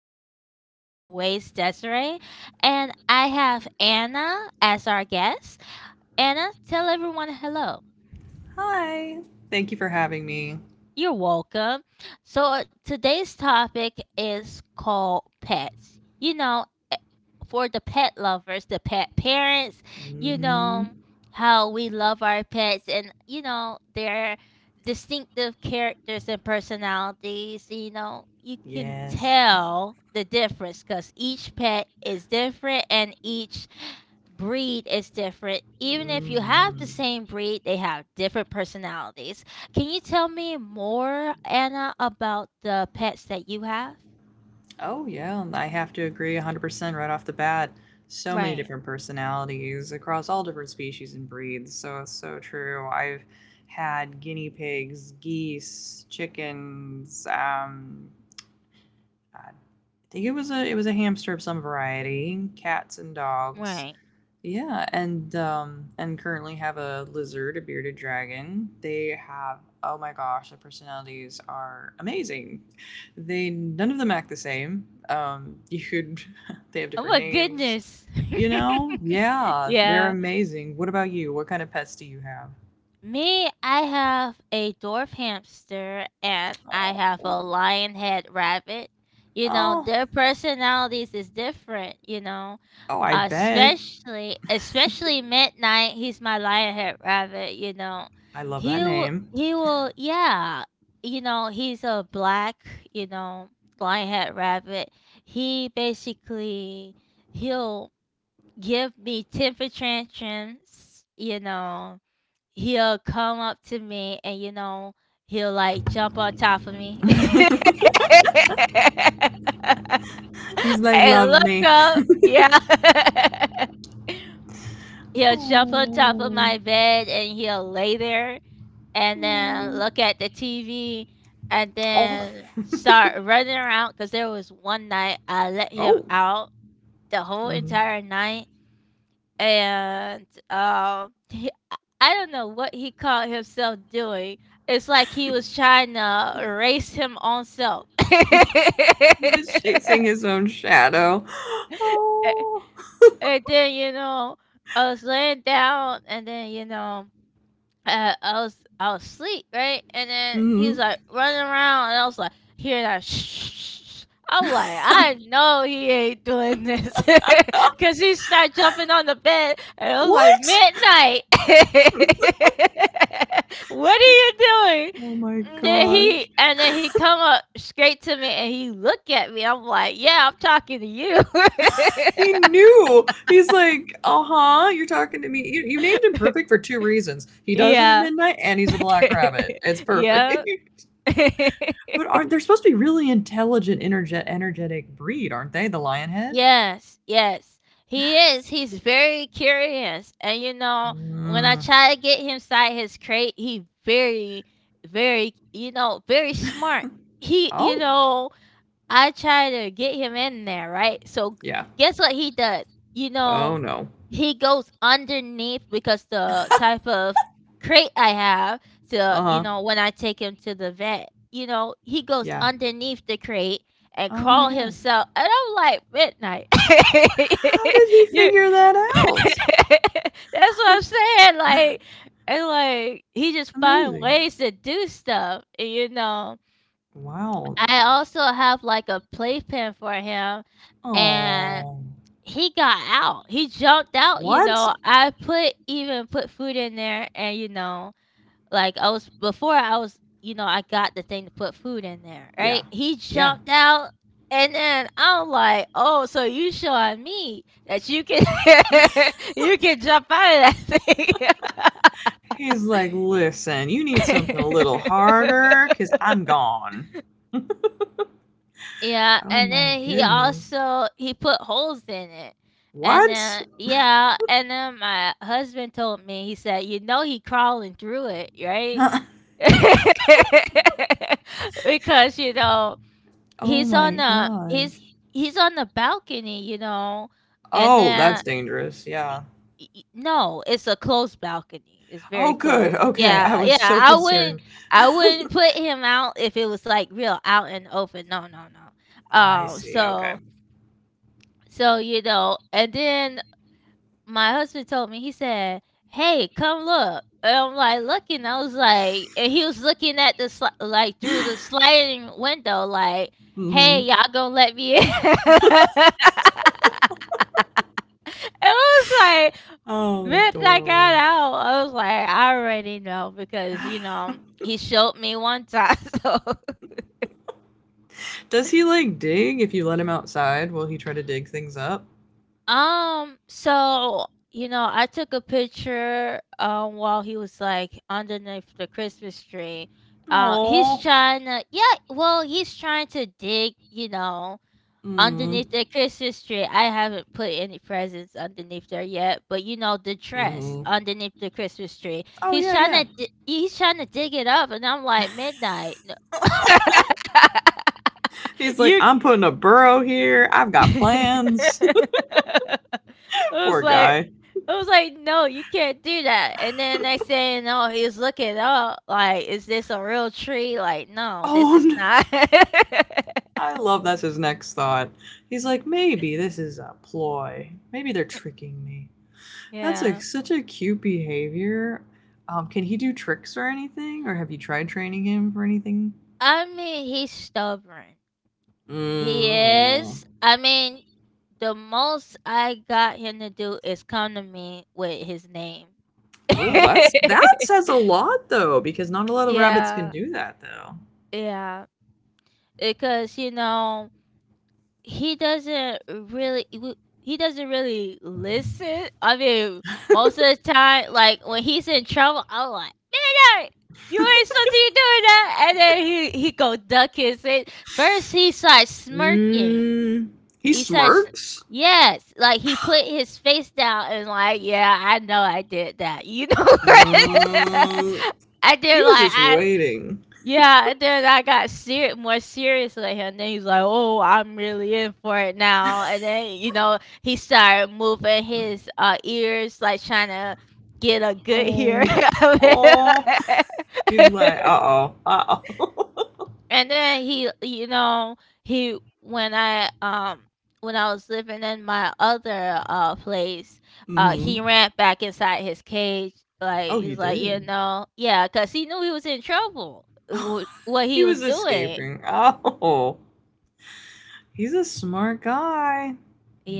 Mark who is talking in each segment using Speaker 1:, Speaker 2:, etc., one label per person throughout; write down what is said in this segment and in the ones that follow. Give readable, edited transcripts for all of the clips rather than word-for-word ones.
Speaker 1: Your host, as always, Desiree. And I have Anna as our guest. Anna, tell everyone hello.
Speaker 2: Hi. Thank you for having me.
Speaker 1: You're welcome. So, today's topic is called pets. You know, eh, for the pet lovers, the pet parents, you know,
Speaker 2: Hmm.
Speaker 1: how we love our pets and, you know, their distinctive characters and personalities. You know, you can
Speaker 2: Yes.
Speaker 1: tell the difference because each pet is different and each breed is different. Even if you have
Speaker 2: Hmm.
Speaker 1: the same breed, they have different personalities. Can you tell me more, Anna, about the pets that you have?
Speaker 2: Oh, yeah. And I have to agree 100% right off the bat. So many
Speaker 1: Right,
Speaker 2: different personalities across all different species and breeds. So it's so true. I've had guinea pigs, geese, chickens. I think it was a hamster of some variety, cats and dogs.
Speaker 1: right.
Speaker 2: Yeah, and currently have a lizard, a bearded dragon. They have Oh my gosh, the personalities are amazing. They None of them act the same. You could They have
Speaker 1: Oh
Speaker 2: different
Speaker 1: my
Speaker 2: names.
Speaker 1: goodness.
Speaker 2: You know? Yeah, they're
Speaker 1: Yeah.
Speaker 2: amazing. What about you? What kind of pets do you have?
Speaker 1: Me, I have a dwarf hamster and I have a
Speaker 2: Oh.
Speaker 1: lion head rabbit. You know,
Speaker 2: Oh,
Speaker 1: their personalities is different, you know.
Speaker 2: oh, I bet.
Speaker 1: Especially Midnight, he's my lionhead rabbit, you know.
Speaker 2: I love
Speaker 1: He
Speaker 2: that
Speaker 1: will
Speaker 2: name.
Speaker 1: he will yeah, you know, he's a black, you know, lionhead rabbit. He basically he'll give me temper tantrums, you know. He'll come up to me and, you know, he'll like jump on top of me.
Speaker 2: He's like, love
Speaker 1: And look
Speaker 2: me.
Speaker 1: up. Yeah. He'll jump on top of
Speaker 2: Oh.
Speaker 1: my bed and he'll lay there and then
Speaker 2: Oh.
Speaker 1: look at the TV and
Speaker 2: Oh.
Speaker 1: then start running around. Cause there was one night I let him
Speaker 2: Oh.
Speaker 1: out the whole
Speaker 2: Mhm.
Speaker 1: entire night, and he, I don't know what he caught himself doing. It's like he was trying to erase him on self.
Speaker 2: He was chasing his own shadow.
Speaker 1: A-
Speaker 2: Oh.
Speaker 1: and then, you know, I was laying down, and then, you know. I was asleep, right? And then he was
Speaker 2: Mm.
Speaker 1: like running around, and I was like hearing that. Shh. I'm like, I know he ain't doing this,
Speaker 2: Ah,
Speaker 1: cause he started jumping on the bed, and I was like,
Speaker 2: what?
Speaker 1: Midnight. What are you doing?
Speaker 2: Oh my
Speaker 1: And then
Speaker 2: gosh.
Speaker 1: he, and then he come up straight to me, and he look at me. I'm like, yeah, I'm talking to you.
Speaker 2: He knew. He's like, uh huh, you're talking to me. You named him perfect for two reasons. He does it at
Speaker 1: Yeah.
Speaker 2: midnight and he's a black rabbit. It's
Speaker 1: Yeah.
Speaker 2: perfect. But aren't they're supposed to be really intelligent, energetic breed, aren't they? The lionhead? Head?
Speaker 1: Yes, yes. He is. He's very curious. And you know, when I
Speaker 2: Mm.
Speaker 1: try to get him inside his crate, he very, very, you know, very smart. He, you
Speaker 2: Oh,
Speaker 1: know, I try to get him in there, right? So
Speaker 2: yeah.
Speaker 1: guess what he does? You
Speaker 2: Oh
Speaker 1: know,
Speaker 2: no.
Speaker 1: he goes underneath because the type of crate I have to,
Speaker 2: Uh
Speaker 1: you
Speaker 2: huh.
Speaker 1: know, when I take him to the vet, you know, he goes
Speaker 2: Yeah.
Speaker 1: underneath the crate and
Speaker 2: Oh my
Speaker 1: crawl
Speaker 2: god.
Speaker 1: himself. And I'm like, Midnight.
Speaker 2: How did he
Speaker 1: You
Speaker 2: figure that out?
Speaker 1: that's what I'm saying. Like, and like, he just find
Speaker 2: Amazing.
Speaker 1: ways to do stuff, you know.
Speaker 2: Wow.
Speaker 1: I also have, like, a playpen for him, and
Speaker 2: Oh.
Speaker 1: he got out. He jumped out, you
Speaker 2: What?
Speaker 1: know, I put even put food in there and, you know, like, I was before I was, you know, I got the thing to put food in there, right?
Speaker 2: Yeah.
Speaker 1: He
Speaker 2: Yeah.
Speaker 1: jumped out, and then I'm like, "Oh, so you showing me that you can you can jump out of that
Speaker 2: He's like, listen, you need something a
Speaker 1: thing."
Speaker 2: little harder because I'm gone.
Speaker 1: Yeah,
Speaker 2: Oh
Speaker 1: and
Speaker 2: my
Speaker 1: then he
Speaker 2: goodness.
Speaker 1: also he put holes in it. And
Speaker 2: What?
Speaker 1: then yeah, and then my husband told me, he said, "You know he crawling through it, right?" Because, you know,
Speaker 2: Oh
Speaker 1: he's
Speaker 2: my
Speaker 1: on the he's
Speaker 2: gosh.
Speaker 1: he's on the balcony, you know. And
Speaker 2: Oh, that's
Speaker 1: then
Speaker 2: dangerous.
Speaker 1: E
Speaker 2: Yeah.
Speaker 1: e e no, it's a closed balcony, it's
Speaker 2: Oh,
Speaker 1: very
Speaker 2: good.
Speaker 1: close.
Speaker 2: Okay. I
Speaker 1: Yeah, yeah,
Speaker 2: was so concerned.
Speaker 1: I wouldn't put him out if it was, like, real out and open, no, no, no.
Speaker 2: I
Speaker 1: Um,
Speaker 2: see. Okay.
Speaker 1: so so, you know, and then my husband told me, he said, "Hey, come look," and I'm, like, looking, I was, like, and he was looking at the sli, like, through the sliding window, like,
Speaker 2: Hmm.
Speaker 1: "Hey, y'all gonna let me in?" And I was,
Speaker 2: Oh,
Speaker 1: like, when I got
Speaker 2: adorable.
Speaker 1: out, I was like, I already know because, you know, he showed me one time. So,
Speaker 2: Does he like dig if you let him outside? Will he try to dig things up?
Speaker 1: um, so, you know, I took a picture while he was like underneath the Christmas tree. Uh, he's
Speaker 2: Oh.
Speaker 1: trying to, yeah, well, he's trying to dig, you know,
Speaker 2: Mm.
Speaker 1: underneath the Christmas tree. I haven't put any presents underneath there yet, but you know, the dress
Speaker 2: Hmm.
Speaker 1: underneath the Christmas tree.
Speaker 2: Oh
Speaker 1: He's
Speaker 2: yeah,
Speaker 1: trying
Speaker 2: yeah.
Speaker 1: to he's trying to dig it up and I'm like Midnight.
Speaker 2: He's like,
Speaker 1: You
Speaker 2: I'm putting a burrow here. I've got plans.
Speaker 1: I was
Speaker 2: Poor
Speaker 1: like
Speaker 2: guy.
Speaker 1: I was like, "No, you can't do that." And then next thing you know, he's looking up like, "Is this a real tree?" Like, "No, this
Speaker 2: Oh
Speaker 1: is
Speaker 2: no.
Speaker 1: not."
Speaker 2: I love that's his next thought. He's like, maybe this is a ploy. Maybe they're tricking me. That's like
Speaker 1: Yeah.
Speaker 2: such a cute behavior. Can he do tricks or anything? Or have you tried training him for anything?
Speaker 1: I mean, he's stubborn. He
Speaker 2: Mm.
Speaker 1: is. I mean, the most I got him to do is come to me with his name.
Speaker 2: Oh, that says a lot though, because not a lot of rabbits can
Speaker 1: Yeah,
Speaker 2: do that though.
Speaker 1: yeah. Because, you know, he doesn't really w- he doesn't really listen. I mean, most of the time, like when he's in trouble, I'm like, man, Eric, you ain't supposed to be doing that. And then he go duck his head. First, he starts smirking.
Speaker 2: Mm. He
Speaker 1: He starts,
Speaker 2: smirks.
Speaker 1: yes, like he put his face down and like, yeah, I know I did that. You know,
Speaker 2: Um,
Speaker 1: I
Speaker 2: he
Speaker 1: did
Speaker 2: was
Speaker 1: like
Speaker 2: just
Speaker 1: I,
Speaker 2: waiting.
Speaker 1: yeah, and then I got more serious with him. Then he's like, "Oh, I'm really in for it now." And then you know he started moving his ears, like trying to get a good hear
Speaker 2: Oh,
Speaker 1: of
Speaker 2: oh,
Speaker 1: it.
Speaker 2: he's like, uh oh, uh oh.
Speaker 1: And then he, you know, he when I was living in my other place, uh, he
Speaker 2: Hmm.
Speaker 1: ran back inside his cage. Like
Speaker 2: Oh, you
Speaker 1: he's like, you
Speaker 2: did.
Speaker 1: know, yeah, cause he knew he was in trouble. What
Speaker 2: He
Speaker 1: he was
Speaker 2: was
Speaker 1: doing,
Speaker 2: escaping. Oh, he's a smart guy.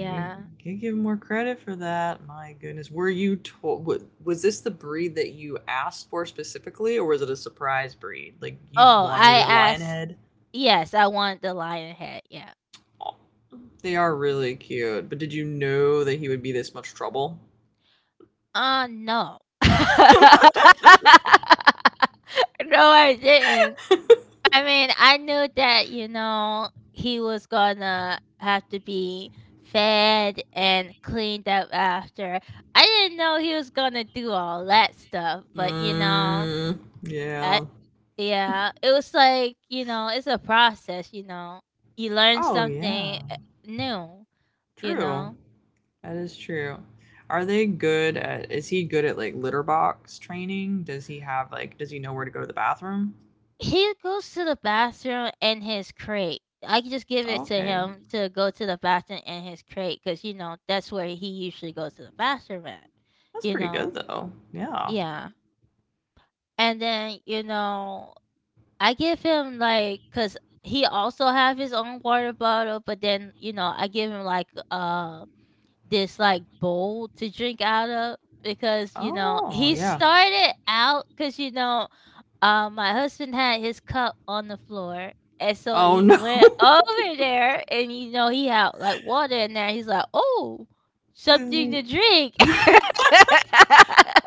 Speaker 2: You can give him more credit for that. My goodness, were you told? Was this the breed that you asked for specifically, or was it a surprise breed? Like you
Speaker 1: Oh,
Speaker 2: wanted
Speaker 1: I
Speaker 2: his lion
Speaker 1: asked,
Speaker 2: head?
Speaker 1: yes, I want the lion head, yeah.
Speaker 2: They are really cute, but did you know that he would be this much trouble?
Speaker 1: No. No, I didn't. I mean, I knew that, you know, he was gonna have to be fed and cleaned up after. I didn't know he was gonna do all that stuff, but, you know,
Speaker 2: Mm,
Speaker 1: I,
Speaker 2: yeah.
Speaker 1: yeah, it was like, you know, it's a process, you know. You learn
Speaker 2: Oh,
Speaker 1: something,
Speaker 2: yeah.
Speaker 1: new, you
Speaker 2: True.
Speaker 1: know?
Speaker 2: That is true. Are they good at, is he good at like litter box training? Does he have like, does he know where to go to the bathroom?
Speaker 1: He goes to the bathroom in his crate. I can just give
Speaker 2: Oh,
Speaker 1: it to
Speaker 2: okay.
Speaker 1: him to go to the bathroom in his crate because you know, that's where he usually goes to the bathroom at,
Speaker 2: That's
Speaker 1: you
Speaker 2: pretty good
Speaker 1: know?
Speaker 2: though. Yeah.
Speaker 1: Yeah. And then, you know, I give him, like, because he also have his own water bottle, but then, you know, I give him, like, this, like, bowl to drink out of because, you know,
Speaker 2: Oh,
Speaker 1: he
Speaker 2: yeah.
Speaker 1: started out because you know, my husband had his cup on the floor, and so
Speaker 2: Oh,
Speaker 1: he
Speaker 2: no.
Speaker 1: went over there, and, you know, he had, like, water in there, he's like, "Oh, something to drink."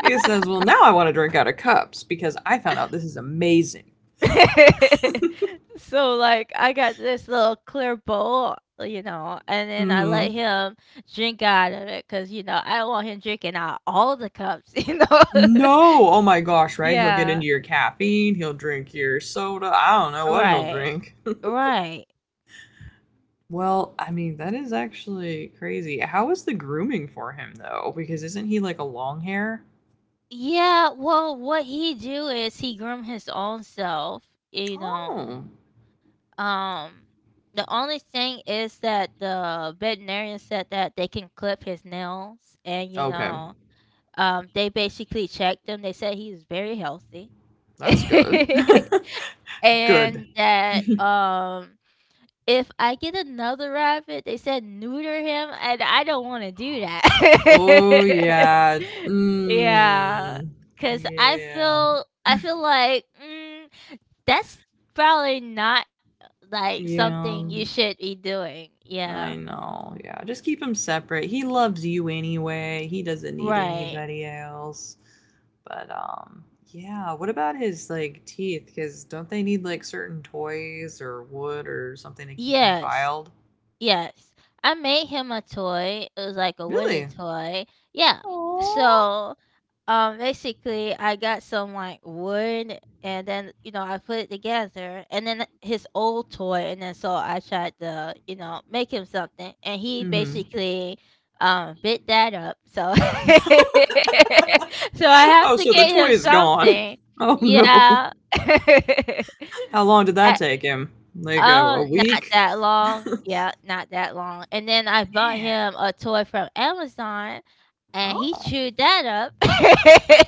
Speaker 2: He says, well, now I want to drink out of cups because I found out this is amazing.
Speaker 1: So, like, I got this little clear bowl, you know, and then I
Speaker 2: Hmm.
Speaker 1: let him drink out of it because you know, I don't want him drinking out all the cups, you know?
Speaker 2: No. Oh my gosh, right? He'll get into
Speaker 1: Yeah.
Speaker 2: your caffeine. He'll drink your soda. I don't know what he'll
Speaker 1: Right.
Speaker 2: drink.
Speaker 1: Right.
Speaker 2: Well, I mean, that is actually crazy. How is the grooming for him though? Because isn't he like a long hair?
Speaker 1: Yeah, well, what he do is he groom his own self, you know.
Speaker 2: Oh,
Speaker 1: Um, the only thing is that the veterinarian said that they can clip his nails, and you
Speaker 2: okay.
Speaker 1: know, they basically checked him. They said he's very healthy,
Speaker 2: That's good. Good.
Speaker 1: and that if I get another rabbit, they said neuter him, and I don't wanna do
Speaker 2: Oh
Speaker 1: that.
Speaker 2: yeah.
Speaker 1: Yeah,
Speaker 2: Mm.
Speaker 1: cause I
Speaker 2: Yeah.
Speaker 1: feel I feel like, mm, that's probably not, like, something
Speaker 2: Yeah.
Speaker 1: you should be doing. Yeah.
Speaker 2: I know. Yeah. Just keep him separate. He loves you anyway. He doesn't need
Speaker 1: Right.
Speaker 2: anybody else. But yeah, what about his like teeth? Cuz don't they need like certain toys or wood or something to keep them
Speaker 1: Yes,
Speaker 2: filed?
Speaker 1: yes. I made him a toy. It was like a wooden
Speaker 2: Really?
Speaker 1: toy. Yeah.
Speaker 2: Aww.
Speaker 1: So basically, I got some like wood, and then you know I put it together, and then his old toy, and then so I tried to you know make him something, and he
Speaker 2: Mhm.
Speaker 1: basically bit that up. So, so I have
Speaker 2: Oh,
Speaker 1: to
Speaker 2: so the
Speaker 1: get
Speaker 2: toy
Speaker 1: him
Speaker 2: is gone.
Speaker 1: something.
Speaker 2: Oh no.
Speaker 1: Yeah.
Speaker 2: How long did that
Speaker 1: I,
Speaker 2: take him? Like a
Speaker 1: oh, not
Speaker 2: week?
Speaker 1: that long. Yeah, not that long. And then I bought him
Speaker 2: Man.
Speaker 1: a toy from Amazon and he
Speaker 2: Oh.
Speaker 1: chewed that up.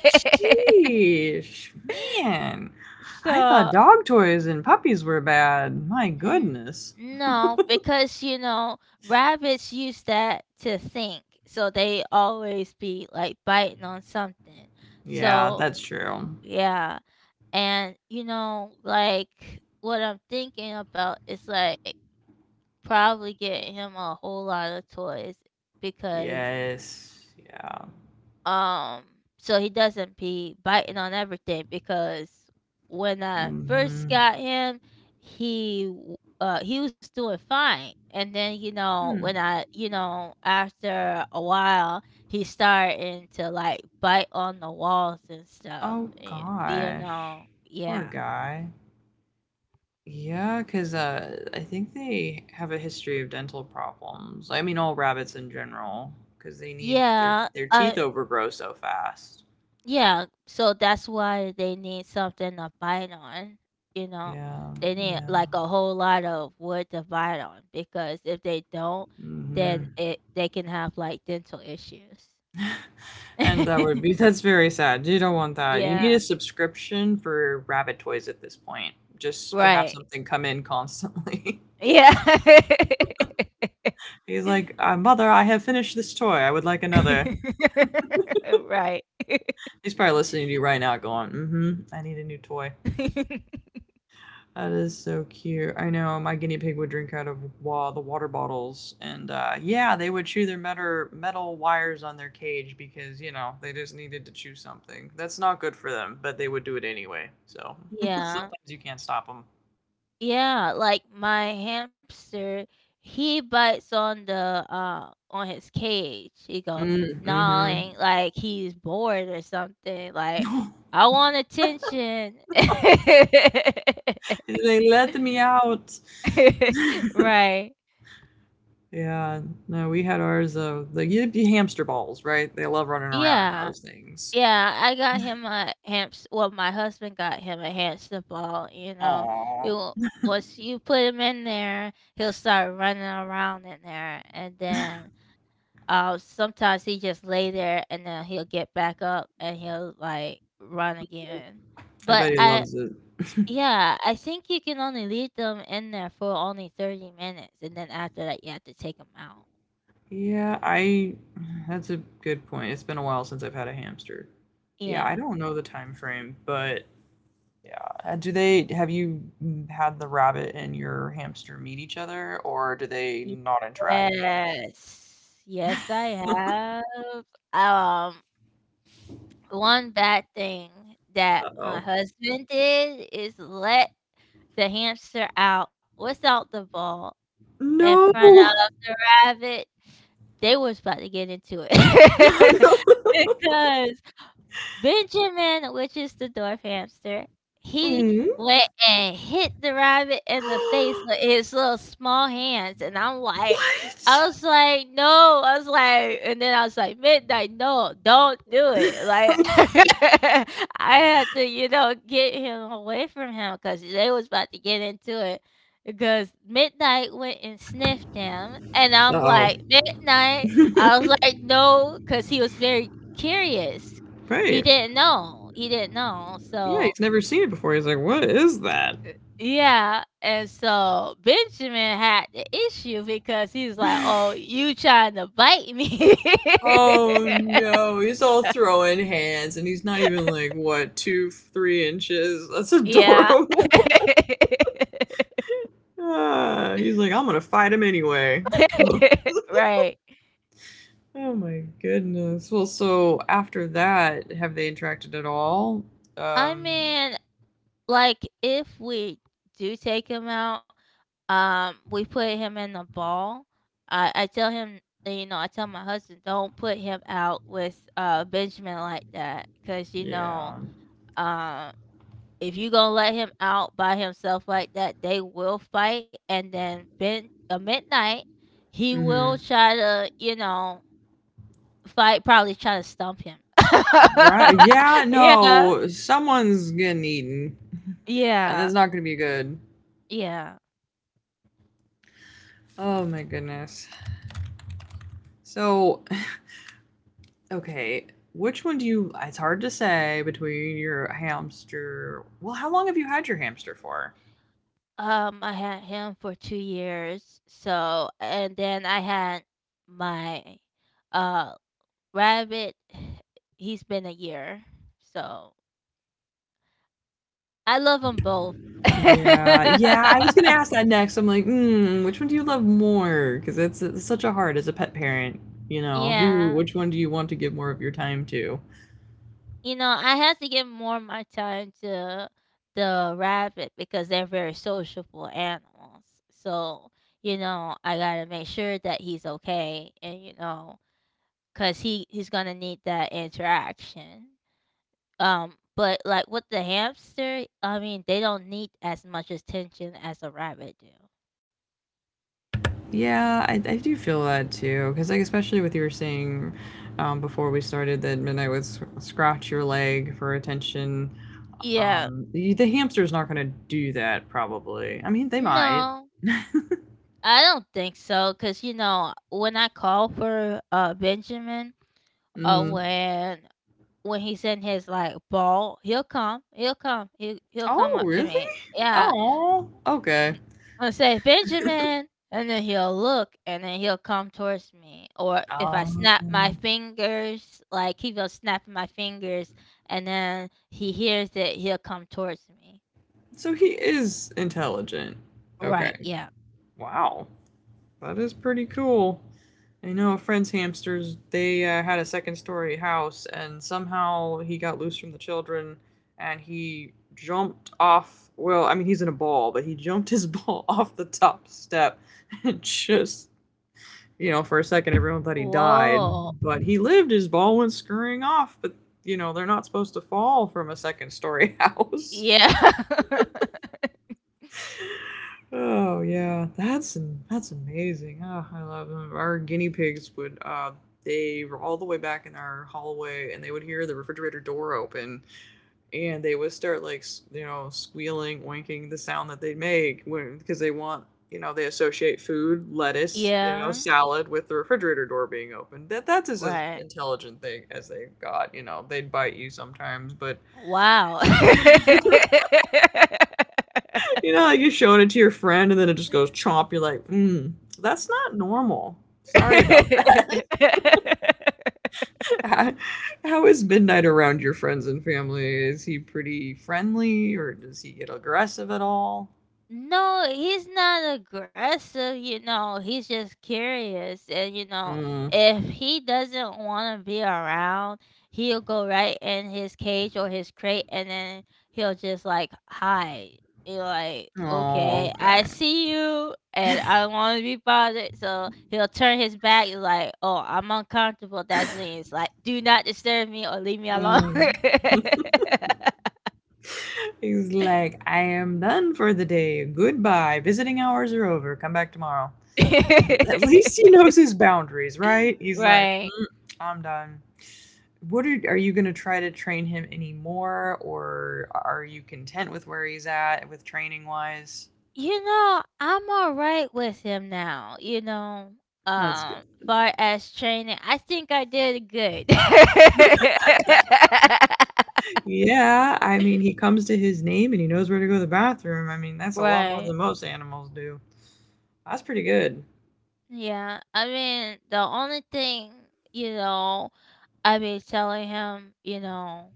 Speaker 2: Sheesh, man. I thought
Speaker 1: So
Speaker 2: dog toys and puppies were bad. My
Speaker 1: n-
Speaker 2: goodness.
Speaker 1: no, because you know rabbits use that to think, so they always be like biting on something.
Speaker 2: Yeah,
Speaker 1: So
Speaker 2: that's true.
Speaker 1: yeah, and you know like what I'm thinking about is like probably getting him a whole lot of toys because
Speaker 2: Yes. Yeah.
Speaker 1: um so he doesn't be biting on everything because when I
Speaker 2: Mm-hmm.
Speaker 1: first got him, he was doing fine. And then, you know, when
Speaker 2: Hmm.
Speaker 1: I, you know, after a while, he's starting to like bite on the walls and stuff.
Speaker 2: Oh
Speaker 1: You
Speaker 2: gosh.
Speaker 1: know,
Speaker 2: Poor
Speaker 1: yeah.
Speaker 2: guy. Yeah, because I think they have a history of dental problems. I mean, all rabbits in general, because they need their
Speaker 1: Yeah.
Speaker 2: their teeth overgrow so fast.
Speaker 1: Yeah, so that's why they need something to bite on, you know.
Speaker 2: Yeah.
Speaker 1: They need
Speaker 2: Yeah.
Speaker 1: like a whole lot of wood to bite on because if they don't, then
Speaker 2: Mm-hmm.
Speaker 1: it they can have like dental issues.
Speaker 2: And that would be that's very sad. You don't want that. You need
Speaker 1: Yeah,
Speaker 2: a subscription for rabbit toys at this point, just to have
Speaker 1: right.
Speaker 2: something come in constantly.
Speaker 1: Yeah.
Speaker 2: He's like, "Mother, I have finished this toy. I would like another."
Speaker 1: Right.
Speaker 2: He's probably listening to you right now, going, "Mm-hmm. I need a new toy." That is so cute. I know my guinea pig would drink out of the water bottles, and yeah, they would chew their metal wires on their cage because you know they just needed to chew something. That's not good for them, but they would do it anyway. So sometimes
Speaker 1: Yeah.
Speaker 2: you can't stop them.
Speaker 1: Yeah, like my hamster, he bites on the on his cage. He go
Speaker 2: Mm-hmm.
Speaker 1: gnawing like he's bored or something. Like I want attention.
Speaker 2: They let me out.
Speaker 1: Right.
Speaker 2: Yeah, no, we had ours of the you'd be hamster balls, right? They love running around in
Speaker 1: Yeah.
Speaker 2: those things.
Speaker 1: Yeah, I got him a hamster. Well, my husband got him a hamster ball.
Speaker 2: Aww.
Speaker 1: It wa- Once you put him in there, he'll start running around in there, and then sometimes he just lay there and then he'll get back up and he'll like run again.
Speaker 2: I bet
Speaker 1: But
Speaker 2: he
Speaker 1: I,
Speaker 2: loves it.
Speaker 1: yeah, I think you can only leave them in there for only 30 minutes and then after that you have to take them out.
Speaker 2: Yeah, I that's a good point. It's been a while since I've had a hamster. Yeah, I
Speaker 1: Yeah.
Speaker 2: don't know the time frame, but yeah. Do they have you, had the rabbit and your hamster meet each other or do they
Speaker 1: Ye-
Speaker 2: not interact?
Speaker 1: Yes. Yes, I have. Um, One bad thing that my
Speaker 2: Uh-oh.
Speaker 1: husband did is let the hamster out without the ball in
Speaker 2: No.
Speaker 1: front of the rabbit, they was about to get into it. because. Benjamin, which is the dwarf hamster, he
Speaker 2: Mm.
Speaker 1: went and hit the rabbit in the face with his little small hands. And I'm like,
Speaker 2: What?
Speaker 1: I was like, no, I was like, and then I was like, midnight, no, don't do it. Like, I had to, you know, get him away from him because they was about to get into it. Because midnight went and sniffed him, and I'm
Speaker 2: Uh-oh.
Speaker 1: like, midnight. I was like, no, because he was very curious, he
Speaker 2: Right.
Speaker 1: didn't know. He didn't know.
Speaker 2: Yeah,
Speaker 1: So
Speaker 2: he's never seen it before. He's like, "What is that?"
Speaker 1: yeah, and so Benjamin had the issue because he's like, "Oh, you trying to bite me?"
Speaker 2: Oh no, he's all throwing hands and he's not even like what, 2, 3 inches? That's
Speaker 1: Yeah.
Speaker 2: adorable. Ah, he's like, I'm gonna fight him anyway. Oh
Speaker 1: Right.
Speaker 2: my goodness. Well, so after that, have they interacted at all?
Speaker 1: I
Speaker 2: Um,
Speaker 1: mean, like, if we do take him out, we put him in the ball. I tell him, you know, I tell my husband, "Don't put him out with, Benjamin like that because you
Speaker 2: yeah.
Speaker 1: know, um if you gonna let him out by himself like that, they will fight. And then midnight, he will
Speaker 2: Hmm.
Speaker 1: try to, you know, fight. Probably try to stump him.
Speaker 2: Right. Yeah,
Speaker 1: yeah,
Speaker 2: no, someone's getting eaten and
Speaker 1: yeah,
Speaker 2: that's not gonna be good.
Speaker 1: yeah.
Speaker 2: Oh my goodness. So, okay. Which one do you? It's hard to say between your hamster. Well, how long have you had your hamster for?
Speaker 1: I had him for 2 years. So, and then I had my uh rabbit. He's been a year. So I love them both.
Speaker 2: Yeah, yeah. I was gonna ask that next. I'm like, which one do you love more? Because it's such a hard as a pet parent. You know, who?
Speaker 1: Yeah.
Speaker 2: Which one do you want to give more of your time to?
Speaker 1: You know, I have to give more of my time to the rabbit because they're very sociable animals. So, you know, I gotta make sure that he's okay and, you know, cause he's gonna need that interaction. But like with the hamster, I mean, they don't need as much attention as a rabbit do.
Speaker 2: Yeah, I do feel that too. Because like, especially with you were saying before we started that Midnight would scratch your leg for attention.
Speaker 1: Yeah.
Speaker 2: The hamster's not gonna do that probably. I mean, they might.
Speaker 1: No, I don't think so. Cause you know, when I called for Benjamin, uh
Speaker 2: Mm.
Speaker 1: when when he's in his like ball, he'll come
Speaker 2: Oh,
Speaker 1: up to me.
Speaker 2: really?
Speaker 1: Yeah,
Speaker 2: Oh, okay.
Speaker 1: mm, and say Benjamin, and then he'll look, and then he'll come towards me. Or if I
Speaker 2: Um,
Speaker 1: snap my fingers, like he will snap my fingers, and then he hears it, he'll come towards me.
Speaker 2: so he is intelligent.
Speaker 1: Right?
Speaker 2: Okay.
Speaker 1: Yeah.
Speaker 2: Wow. That is pretty cool. I know a friend's hamsters, they had a second story house, and somehow he got loose from the children and he jumped off. Well, I mean, he's in a ball, but he jumped his ball off the top step and just you know, for a second everyone thought he
Speaker 1: Whoa.
Speaker 2: died, but he lived. His ball went scurrying off, but you know, they're not supposed to fall from a second story house.
Speaker 1: Yeah.
Speaker 2: Oh yeah, that's amazing. Oh, I love them. Our guinea pigs would they were all the way back in our hallway and they would hear the refrigerator door open and they would start like squealing, winking, the sound that they make when because they want they associate food, lettuce,
Speaker 1: Yeah.
Speaker 2: salad with the refrigerator door being open. That's as
Speaker 1: Right.
Speaker 2: intelligent thing as they got. You know, they'd bite you sometimes, but
Speaker 1: Wow.
Speaker 2: like you're showing it to your friend and then it just goes chomp. You're like, that's not normal. Sorry about that. How is Midnight around your friends and family? Is he pretty friendly or does he get aggressive at all?
Speaker 1: No, he's not aggressive, you know, he's just curious. And, you know,
Speaker 2: Mm.
Speaker 1: if he doesn't want to be around, he'll go right in his cage or his crate and then he'll just like hide. You're like,
Speaker 2: Oh,
Speaker 1: okay, I
Speaker 2: okay.
Speaker 1: see you and I don't want to be bothered. So he'll turn his back. You're like, oh, I'm uncomfortable. That's when it's like, do not disturb me or leave me alone.
Speaker 2: Mm. He's like, I am done for the day. Goodbye. Visiting hours are over. Come back tomorrow. At least he knows his boundaries, right? He's like,
Speaker 1: Right.
Speaker 2: "Mm, I'm done." What are you going to try to train him anymore, or are you content with where he's at, with training wise?
Speaker 1: You know, I'm all right with him now, you know,
Speaker 2: That's good.
Speaker 1: far as training, I think I did good.
Speaker 2: Yeah, I mean, he comes to his name and he knows where to go to the bathroom. I mean, that's a lot more
Speaker 1: Right.
Speaker 2: than most animals do. That's pretty good.
Speaker 1: Yeah, I mean, the only thing, you know, I be telling him, you know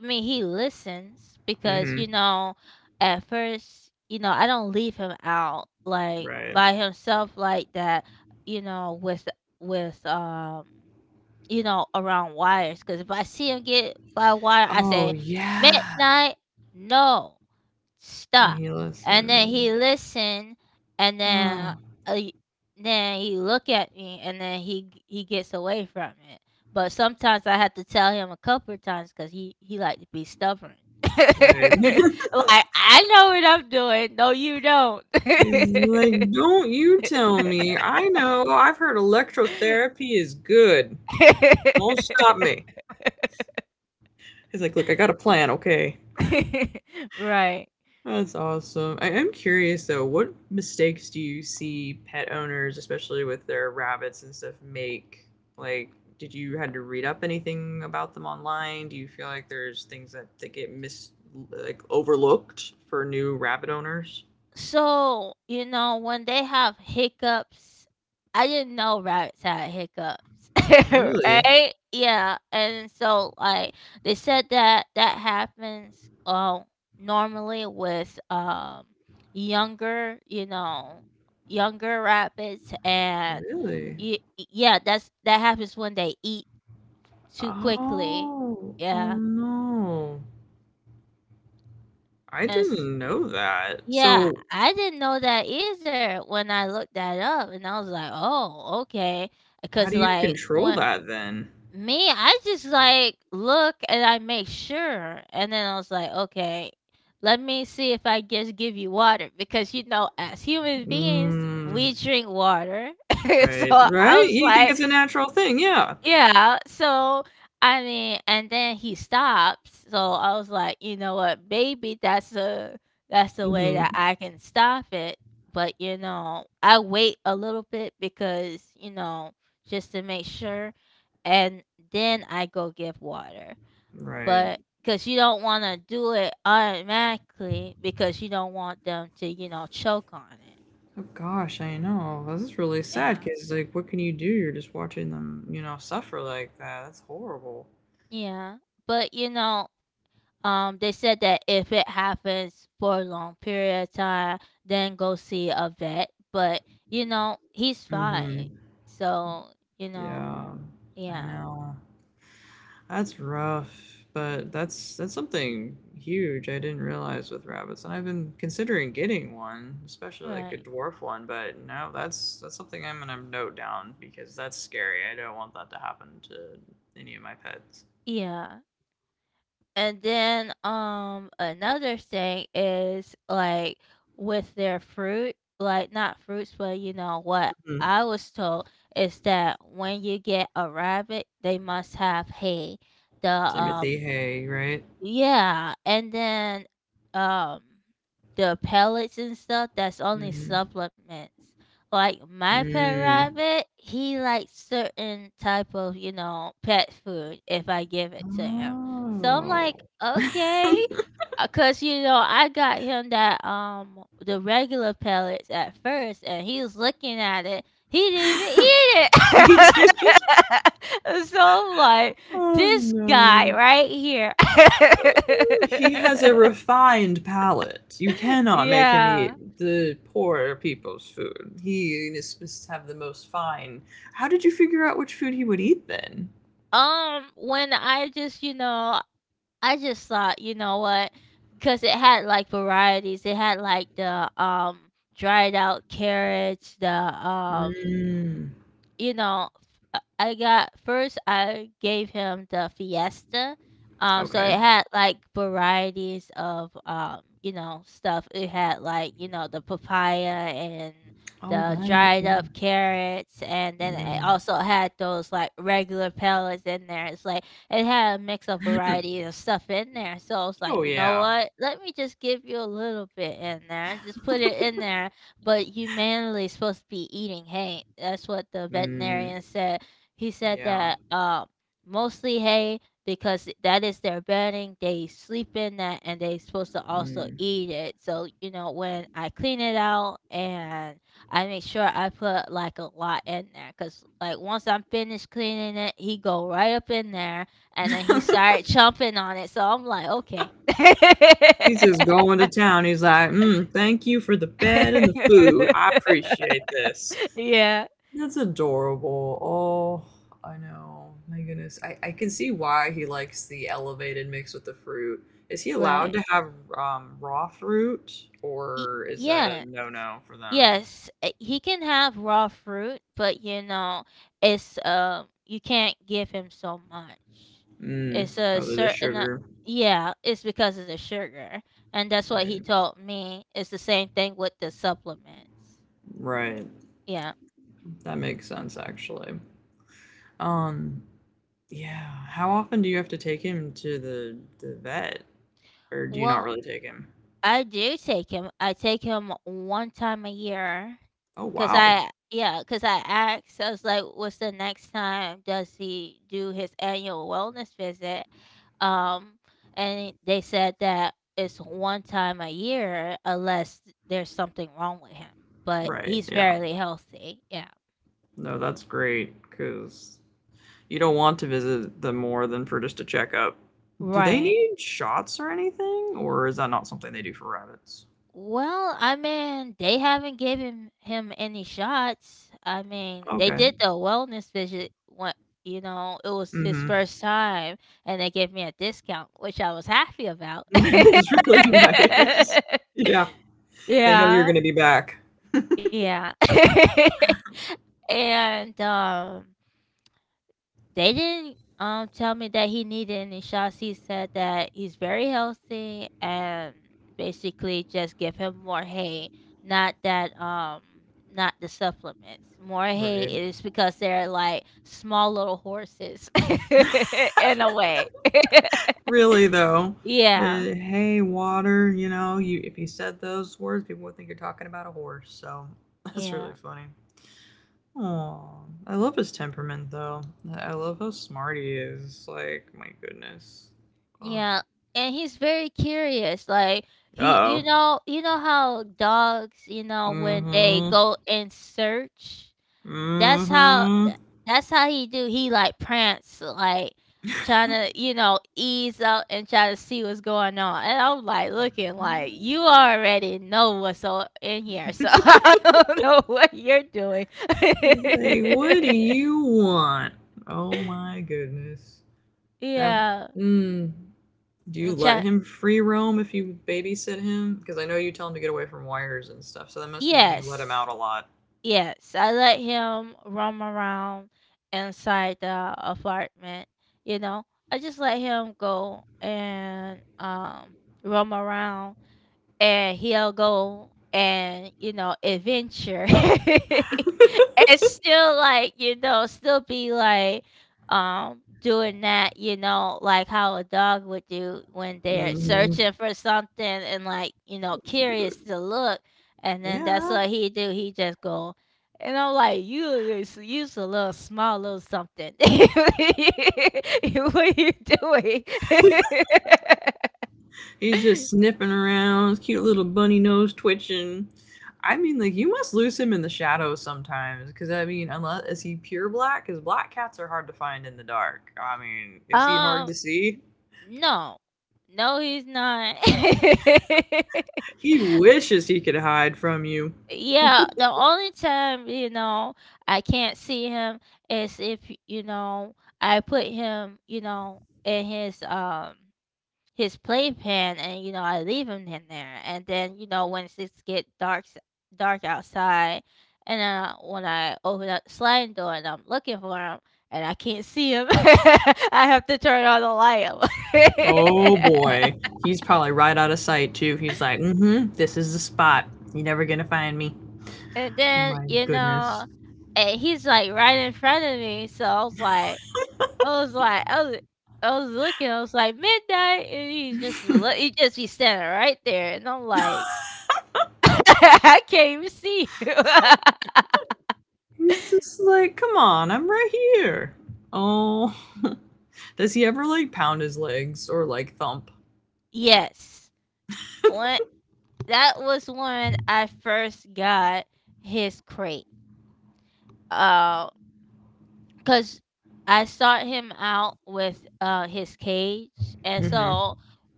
Speaker 1: I mean, he listens because,
Speaker 2: Hmm.
Speaker 1: you know, at first, you know, I don't leave him out like
Speaker 2: Right.
Speaker 1: by himself like that, you know, with you know, around wires. Because if I see him get by a wire, I
Speaker 2: Oh,
Speaker 1: say
Speaker 2: yeah.
Speaker 1: midnight, no
Speaker 2: And
Speaker 1: stop.
Speaker 2: he
Speaker 1: And then
Speaker 2: listened.
Speaker 1: he listened, and
Speaker 2: Oh,
Speaker 1: uh, then he look at me, and then he gets away from it. But sometimes I have to tell him a couple of times because he like to be stubborn. Like
Speaker 2: right.
Speaker 1: I know what I'm doing. No, you don't.
Speaker 2: He's like, "Don't you tell me. I know. I've heard electrotherapy is good. Don't stop me." He's like, "Look, I got a plan, okay?"
Speaker 1: Right.
Speaker 2: That's awesome. I am curious though, what mistakes do you see pet owners, especially with their rabbits and stuff, make? Like, did you had to read up anything about them online? Do you feel like there's things that get mis like overlooked for new rabbit owners?
Speaker 1: So, you know, when they have hiccups, I didn't know rabbits had hiccups,
Speaker 2: Really?
Speaker 1: right? Yeah, and so like they said that that happens normally with younger, you know, younger rabbits and
Speaker 2: Really?
Speaker 1: yeah, that's that happens when they eat too quickly.
Speaker 2: Oh, oh
Speaker 1: Yeah.
Speaker 2: no. I
Speaker 1: And s-
Speaker 2: didn't know that.
Speaker 1: Yeah,
Speaker 2: So,
Speaker 1: I didn't know that either when I looked that up, and I was like, "Oh, okay." Because
Speaker 2: how do you
Speaker 1: like
Speaker 2: control
Speaker 1: when
Speaker 2: that then?
Speaker 1: me, I just like look and I make sure, and then I was like, "Okay, let me see if I just give you water," because you know, as human beings, we
Speaker 2: Mm,
Speaker 1: drink water. So
Speaker 2: right,
Speaker 1: I
Speaker 2: right?
Speaker 1: was
Speaker 2: You think
Speaker 1: like,
Speaker 2: it's a natural thing, yeah.
Speaker 1: yeah, so, I mean and then he stops, so I was like, "You know what, maybe that's the way that
Speaker 2: Mhm.
Speaker 1: I can stop it," but, you know, I wait a little bit because, you know, just to make sure, and then I go give water.
Speaker 2: Right.
Speaker 1: But because you don't wanna do it automatically because you don't want them to, you know, choke on it.
Speaker 2: Oh gosh, I know. This is really
Speaker 1: Yeah.
Speaker 2: sad because, like, what can you do? You're just watching them, suffer like that. That's horrible.
Speaker 1: Yeah, but, you know they said that if it happens for a long period of time, then go see a vet. But you know, he's
Speaker 2: Hmm.
Speaker 1: fine. So you know,
Speaker 2: Yeah, I
Speaker 1: yeah,
Speaker 2: know. That's rough, but that's something huge I didn't realize with rabbits, and I've been considering getting one, especially like a
Speaker 1: right,
Speaker 2: dwarf one, but no, that's something I'm gonna note down because that's scary. I don't want that to happen to any of my pets.
Speaker 1: yeah. And then another thing is like with their fruit, like not fruits, but you know what
Speaker 2: Mhm.
Speaker 1: I was told is that when you get a rabbit, they must have hay. The
Speaker 2: Timothy Hay, right?
Speaker 1: Yeah, and then um the pellets and stuff that's only
Speaker 2: Hmm.
Speaker 1: supplements. Like my pet
Speaker 2: Mm.
Speaker 1: rabbit, he likes certain type of, you know, pet food if I give it to him. So I'm like,
Speaker 2: Oh.
Speaker 1: okay, because you know I got him that the regular pellets at first, and he was looking at it. He didn't even eat
Speaker 2: He did it.
Speaker 1: it. So I'm like,
Speaker 2: Oh
Speaker 1: this guy
Speaker 2: no.
Speaker 1: right here.
Speaker 2: He has a refined palate. You cannot make him
Speaker 1: Yeah.
Speaker 2: eat the poor people's food. He must have the most fine. How did you figure out which food he would eat then?
Speaker 1: When I just, you know, I just thought, you know what? Because it had like varieties. It had like the dried out carrots, the
Speaker 2: Mm,
Speaker 1: you know, I got first I gave him the Fiesta. So
Speaker 2: okay.
Speaker 1: it had like varieties of you know, stuff. It had like, you know, the papaya and
Speaker 2: All
Speaker 1: the
Speaker 2: right.
Speaker 1: dried
Speaker 2: Yeah.
Speaker 1: up carrots and then it
Speaker 2: Mm.
Speaker 1: also had those like regular pellets in there. It's like it had a mix of varieties of stuff in there. So I was like,
Speaker 2: Oh
Speaker 1: you know
Speaker 2: yeah.
Speaker 1: what? Let me just give you a little bit in there and just put it in there but humanly supposed to be eating hay. That's what the
Speaker 2: Mm,
Speaker 1: veterinarian said. He said
Speaker 2: yeah.
Speaker 1: that mostly hay because that is their bedding. They sleep in that and they supposed to also
Speaker 2: Mm.
Speaker 1: eat it. So, you know, when I clean it out and I make sure I put like a lot in there because like once I'm finished cleaning it, he go right up in there and then he started chomping on it. So I'm like, okay.
Speaker 2: He's just going to town. He's like, mm, "Thank you for the bed and the food. I appreciate this."
Speaker 1: Yeah.
Speaker 2: That's adorable. Oh, I know. My goodness. I can see why he likes the elevated mix with the fruit. Is he allowed
Speaker 1: Right.
Speaker 2: to have raw fruit,
Speaker 1: Y-
Speaker 2: or is that a
Speaker 1: yeah.
Speaker 2: no-no for them?
Speaker 1: Yes, he can have raw fruit, but you know, it's you can't give him so much.
Speaker 2: Mm,
Speaker 1: It's a
Speaker 2: probably the
Speaker 1: certain a-
Speaker 2: sugar.
Speaker 1: Yeah, it's because of the sugar. And that's what he
Speaker 2: Right.
Speaker 1: told me. It's the same thing with the supplements.
Speaker 2: Right.
Speaker 1: Yeah.
Speaker 2: That makes sense, actually. Um, yeah. How often do you have to take him to the vet, or do you not
Speaker 1: Well,
Speaker 2: really take him?
Speaker 1: I do take him. I take him one time a year,
Speaker 2: Oh,
Speaker 1: cause
Speaker 2: wow.
Speaker 1: I yeah, cause I asked. I was like, "What's the next time does he do his annual wellness visit?" Um, and they said that it's one time a year, unless there's something wrong with him. But
Speaker 2: Right.
Speaker 1: he's
Speaker 2: Yeah.
Speaker 1: fairly healthy. Yeah,
Speaker 2: No, that's great because you don't want to visit them more than for just a checkup. Do they
Speaker 1: right.
Speaker 2: need shots or anything, or is that not something they do for rabbits?
Speaker 1: Well, I mean, they haven't given him any shots. I mean, they
Speaker 2: Okay.
Speaker 1: did the wellness visit what you know, it was his
Speaker 2: Mhm.
Speaker 1: first time and they gave me a discount, which I was happy about.
Speaker 2: That is really nice. Yeah, they know you're
Speaker 1: Yeah,
Speaker 2: gonna be back.
Speaker 1: yeah. And, they didn't tell me that he needed any shots. He said that he's very healthy and basically just give him more hay, not that not the supplements. More hay
Speaker 2: Right.
Speaker 1: is because they're like small little horses in a way.
Speaker 2: Really though,
Speaker 1: Yeah,
Speaker 2: hey, water. You know, you if you said those words, people would think you're talking about a horse. So that's really
Speaker 1: yeah,
Speaker 2: funny. Aw, I love his temperament though. I love how smart he is. Like, my goodness. Ugh.
Speaker 1: yeah. And he's very curious. Like
Speaker 2: Uh
Speaker 1: he,
Speaker 2: oh.
Speaker 1: you know how dogs, you know, when they
Speaker 2: Mhm.
Speaker 1: go and search, That's how
Speaker 2: Mhm.
Speaker 1: tha that's how he do. He like prance, like trying to you know, ease up and try to see what's going on, and I'm like looking like, "You
Speaker 2: Ah.
Speaker 1: already know what's o in here, so I don't know what you're doing."
Speaker 2: It's like, what do you want? Oh my goodness. That.
Speaker 1: Yeah,
Speaker 2: Mm, do you
Speaker 1: and
Speaker 2: let
Speaker 1: try
Speaker 2: him free roam if you babysit him? Because I know you tell him to get away from wires and stuff, so that must mean you let him out
Speaker 1: Yes,
Speaker 2: a lot.
Speaker 1: yes, I let him roam around inside the apartment, you know? I just let him go and, roam around. And he'll go and you know adventure and still like you know still be like doing that you know like how a dog would do when they're
Speaker 2: Mhm.
Speaker 1: searching for something and like you know
Speaker 2: So
Speaker 1: curious
Speaker 2: cute.
Speaker 1: to look and then that's
Speaker 2: Yeah.
Speaker 1: what he do he just go and I'm like, you is use a little small little something. What are you doing?
Speaker 2: He's just sniffing around, cute little bunny nose twitching. I mean, like you must lose him in the shadows sometimes, because I mean, unless is he pure black? Because black cats are hard to find in the dark. I mean, is he hard
Speaker 1: um,
Speaker 2: to see?
Speaker 1: No. No, he's not.
Speaker 2: He wishes he could hide from you.
Speaker 1: Yeah, the only time, you know, I can't see him is if, you know, I put him, you know, in his playpen and you know, I leave him in there. And then, you know, when it's get dark outside and when I open up the sliding door and I'm looking for him and I can't see him, I have to turn on the light.
Speaker 2: Oh boy, he's probably right out of sight too. He's like, mm-hmm, this is the spot. You're never gonna find me.
Speaker 1: And
Speaker 2: Oh
Speaker 1: then,
Speaker 2: my
Speaker 1: you
Speaker 2: goodness.
Speaker 1: know, and he's like right in front of me. So I was like, I was, I was looking. I was like midnight, and he's just he's standing right there, and I'm like, I can't even see you.
Speaker 2: He's just like, come on, I'm right here. Oh. Does he ever like pound his legs or like thump?
Speaker 1: Yes, when that was when I first got his crate. Uh, Cause I sought him out with his cage, and
Speaker 2: Mm-hmm.
Speaker 1: so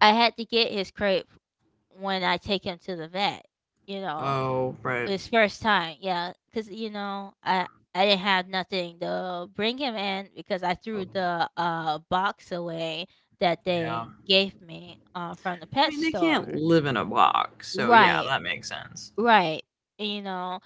Speaker 1: I had to get his crate when I take him to the vet, you know,
Speaker 2: Oh, right.
Speaker 1: his first time. Yeah, because you know, I didn't have nothing to bring him in because I threw
Speaker 2: Oh,
Speaker 1: the, box away that
Speaker 2: yeah.
Speaker 1: they gave me, from the
Speaker 2: I
Speaker 1: pet
Speaker 2: mean, they can't
Speaker 1: store.
Speaker 2: live in a box, so yeah,
Speaker 1: Right,
Speaker 2: that makes sense.
Speaker 1: right, you know,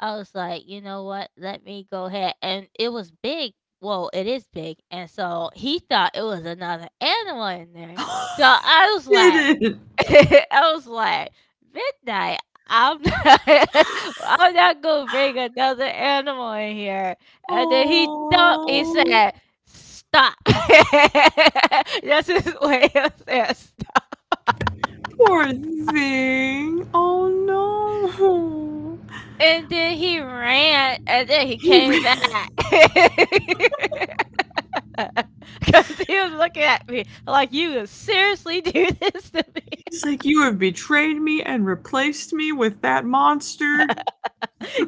Speaker 1: I was like, "You know what, let me go ahead," and it was big, well, it is big, and so he thought it was another animal in there, so I was
Speaker 2: He
Speaker 1: like
Speaker 2: did it.
Speaker 1: I was like, midnight. I'm not, I'm not gonna bring another animal in here. And then he thought he
Speaker 2: Oh,
Speaker 1: said, "Stop." That's his way of saying. Stop.
Speaker 2: poor thing. Oh no.
Speaker 1: And then he ran, and then he
Speaker 2: He
Speaker 1: came
Speaker 2: re-
Speaker 1: back because he was looking at me like, "You would seriously do this to me?"
Speaker 2: he's like, you have betrayed me and replaced me with that monster.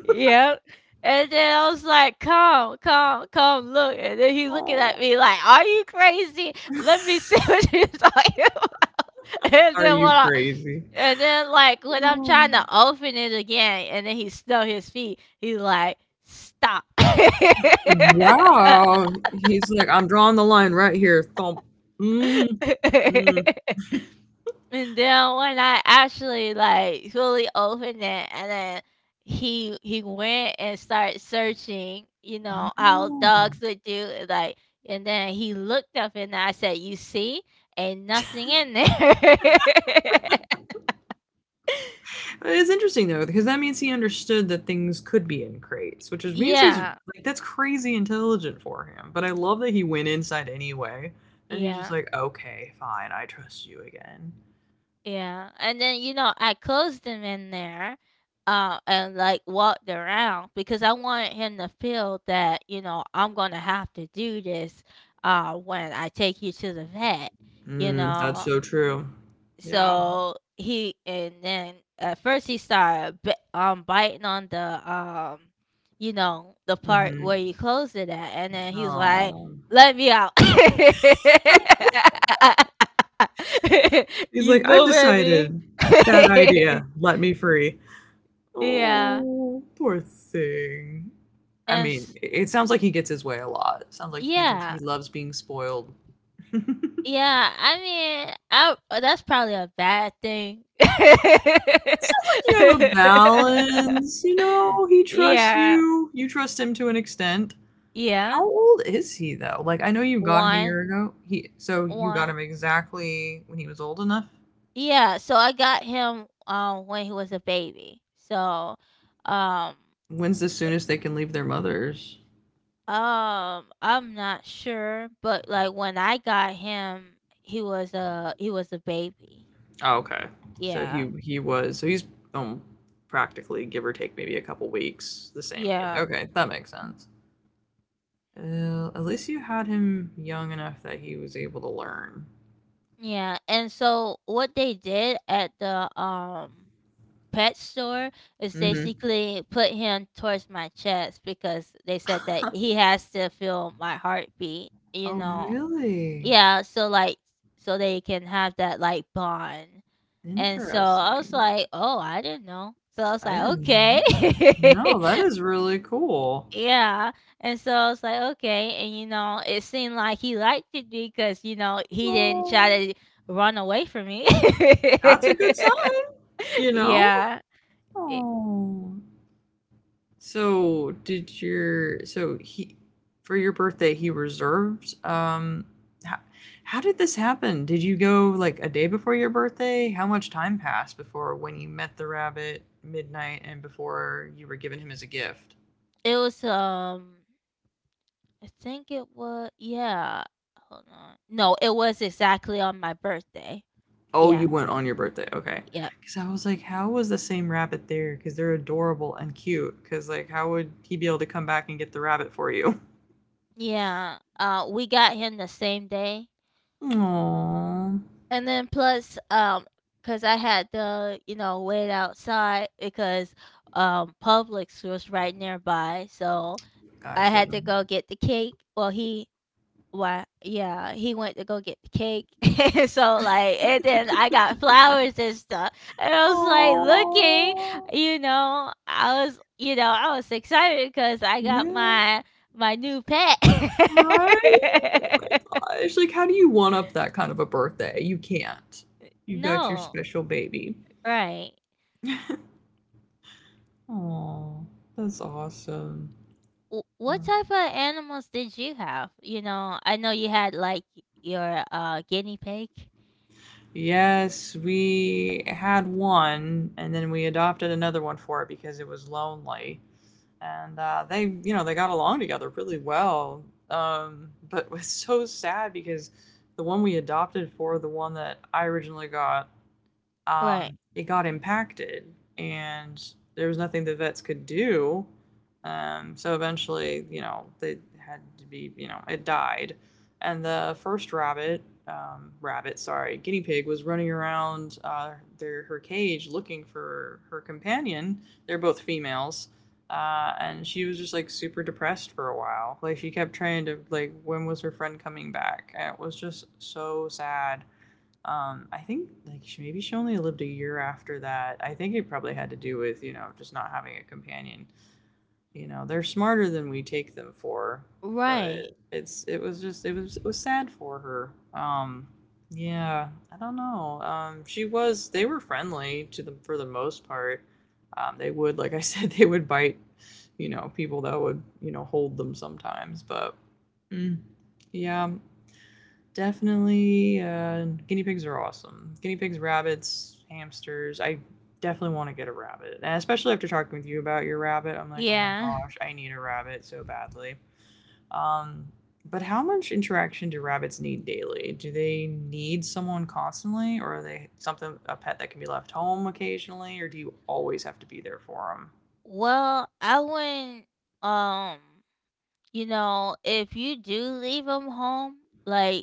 Speaker 1: Yep. And then I was like, "Come, come, come, look." And then he looking at
Speaker 2: Oh.
Speaker 1: me like, "Are you crazy? Let me see what you're talking about." And
Speaker 2: Are
Speaker 1: then when
Speaker 2: you
Speaker 1: I
Speaker 2: crazy?
Speaker 1: and then, like, when I'm
Speaker 2: No.
Speaker 1: trying to open it again, and then he snuck his feet, he's like, "Stop."
Speaker 2: Wow. He's like, "I'm drawing the line right here, thump." Mm, mm.
Speaker 1: And then when I actually, like, fully opened it and then he went and started searching, you know, how
Speaker 2: Oh.
Speaker 1: dogs would do, like and then he looked up and I said, "You see? Ain't nothing in there."
Speaker 2: It's interesting though, because that means he understood that things could be in crates, which is means he's
Speaker 1: Yeah.
Speaker 2: like that's crazy intelligent for him. But I love that he went inside anyway, and he's just
Speaker 1: Yeah.
Speaker 2: like, "Okay, fine, I trust you again."
Speaker 1: Yeah, and then you know I closed him in there, and like walked around because I wanted him to feel that you know I'm gonna have to do this, when I take you to the vet, you
Speaker 2: Mm, that's
Speaker 1: know,
Speaker 2: so true. Yeah.
Speaker 1: so he and then at first he started biting on the you know the part where
Speaker 2: Mhm.
Speaker 1: you closed it at and then he was like
Speaker 2: Oh.
Speaker 1: let me out
Speaker 2: He's
Speaker 1: you
Speaker 2: like, "I've
Speaker 1: moving me
Speaker 2: decided. Bad idea. Let me free."
Speaker 1: yeah
Speaker 2: Oh, poor thing. I
Speaker 1: and
Speaker 2: mean,
Speaker 1: s-
Speaker 2: it sounds like he gets his way a lot. It sounds like he
Speaker 1: yeah
Speaker 2: loves being spoiled. It sounds
Speaker 1: yeah I mean that's probably a bad thing
Speaker 2: like you have a balance, you know? He trusts
Speaker 1: yeah
Speaker 2: you. You trust him to an extent.
Speaker 1: yeah
Speaker 2: How old is he though? Like I know you got him a
Speaker 1: One,
Speaker 2: year ago. He So you got him
Speaker 1: one.
Speaker 2: exactly when he was old enough.
Speaker 1: Yeah, so I got him when he was a baby. So um
Speaker 2: When's the soonest they can leave their mothers?
Speaker 1: I'm not sure, but like when I got him, he was a baby.
Speaker 2: Oh, okay. So
Speaker 1: Yeah.
Speaker 2: he he was so he's um practically give or take maybe a couple weeks the same age.
Speaker 1: Yeah.
Speaker 2: Okay, that makes sense. At least you had him young enough that he was able to learn.
Speaker 1: Yeah. And so what they did at the pet store is basically put him towards my chest because they said that
Speaker 2: Mm-hmm.
Speaker 1: he has to feel my heartbeat, you
Speaker 2: Oh,
Speaker 1: know,
Speaker 2: really?
Speaker 1: Yeah, so, like so they can have that, like, bond, and so I was
Speaker 2: Interesting.
Speaker 1: like, "Oh, I didn't know." So I was
Speaker 2: I
Speaker 1: like,
Speaker 2: didn't know
Speaker 1: "Okay."
Speaker 2: that. No, that is really cool.
Speaker 1: Yeah, and so I was like, "Okay," and, you know, it seemed like he liked it because, you know, he didn't
Speaker 2: Oh,
Speaker 1: try to run away from me.
Speaker 2: that's a good sign, you know?
Speaker 1: Yeah, it
Speaker 2: Oh, so he for your birthday he reserved how, how did this happen? Did you go like a day before your birthday? How much time passed before when you met the rabbit Midnight and before you were giving him as a gift?
Speaker 1: it was, I think it was yeah, hold on. No, it was exactly on my birthday.
Speaker 2: Oh, you
Speaker 1: Yeah,
Speaker 2: went on your birthday. Okay.
Speaker 1: yeah.
Speaker 2: Cuz I was like how was the same rabbit there cuz they're adorable and cute cuz like how would he be able to come back and get the rabbit for you?
Speaker 1: Yeah, we got him the same day,
Speaker 2: Aww.
Speaker 1: and then plus, cause I had to, you know, wait outside because, Publix was right nearby, so I
Speaker 2: Gotcha.
Speaker 1: had to go get the cake. Yeah, he went to go get the cake, and so like, and then I got flowers and stuff, and I was like looking,
Speaker 2: Aww.
Speaker 1: you know, you know, I was excited because I got
Speaker 2: Yeah.
Speaker 1: my new pet.
Speaker 2: Right? Oh my gosh, like, how do you one up that kind of a birthday? You can't. You got your
Speaker 1: No,
Speaker 2: special baby.
Speaker 1: right.
Speaker 2: Aw, that's awesome.
Speaker 1: W- What
Speaker 2: Oh.
Speaker 1: type of animals did you have? You know, I know you had like your guinea pig.
Speaker 2: Yes, we had one, and then we adopted another one for it because it was lonely, and, they got along together really well, but it was so sad because the one we adopted for the one that I originally got
Speaker 1: Right.
Speaker 2: it got impacted and there was nothing the vets could do. So eventually, they had to be, it died. And the first rabbit, sorry, guinea pig was running around their, her cage looking for her companion. They're both females. And she was just like super depressed for a while. Like she kept trying to like, when was her friend coming back? And it was just so sad. I think like she, maybe she only lived a year after that. I think it probably had to do with just not having a companion. You know they're smarter than we take them for,
Speaker 1: Right.
Speaker 2: but it's it was just it was sad for her. Um, yeah, I don't know. She was they were friendly to them for the most part. They would like I said they would bite, people that would hold them sometimes, but. Mm, yeah, definitely guinea pigs are awesome. Guinea pigs, rabbits, hamsters. I definitely want to get a rabbit, and especially after talking with you about your rabbit, I'm like, oh my
Speaker 1: Yeah.
Speaker 2: gosh, I need a rabbit so badly. Um, but how much interaction do rabbits need daily? Do they need someone constantly, or are they something a pet that can be left home occasionally, or do you always have to be there for them?
Speaker 1: Well, I wouldn't um you know, if you do leave them home, like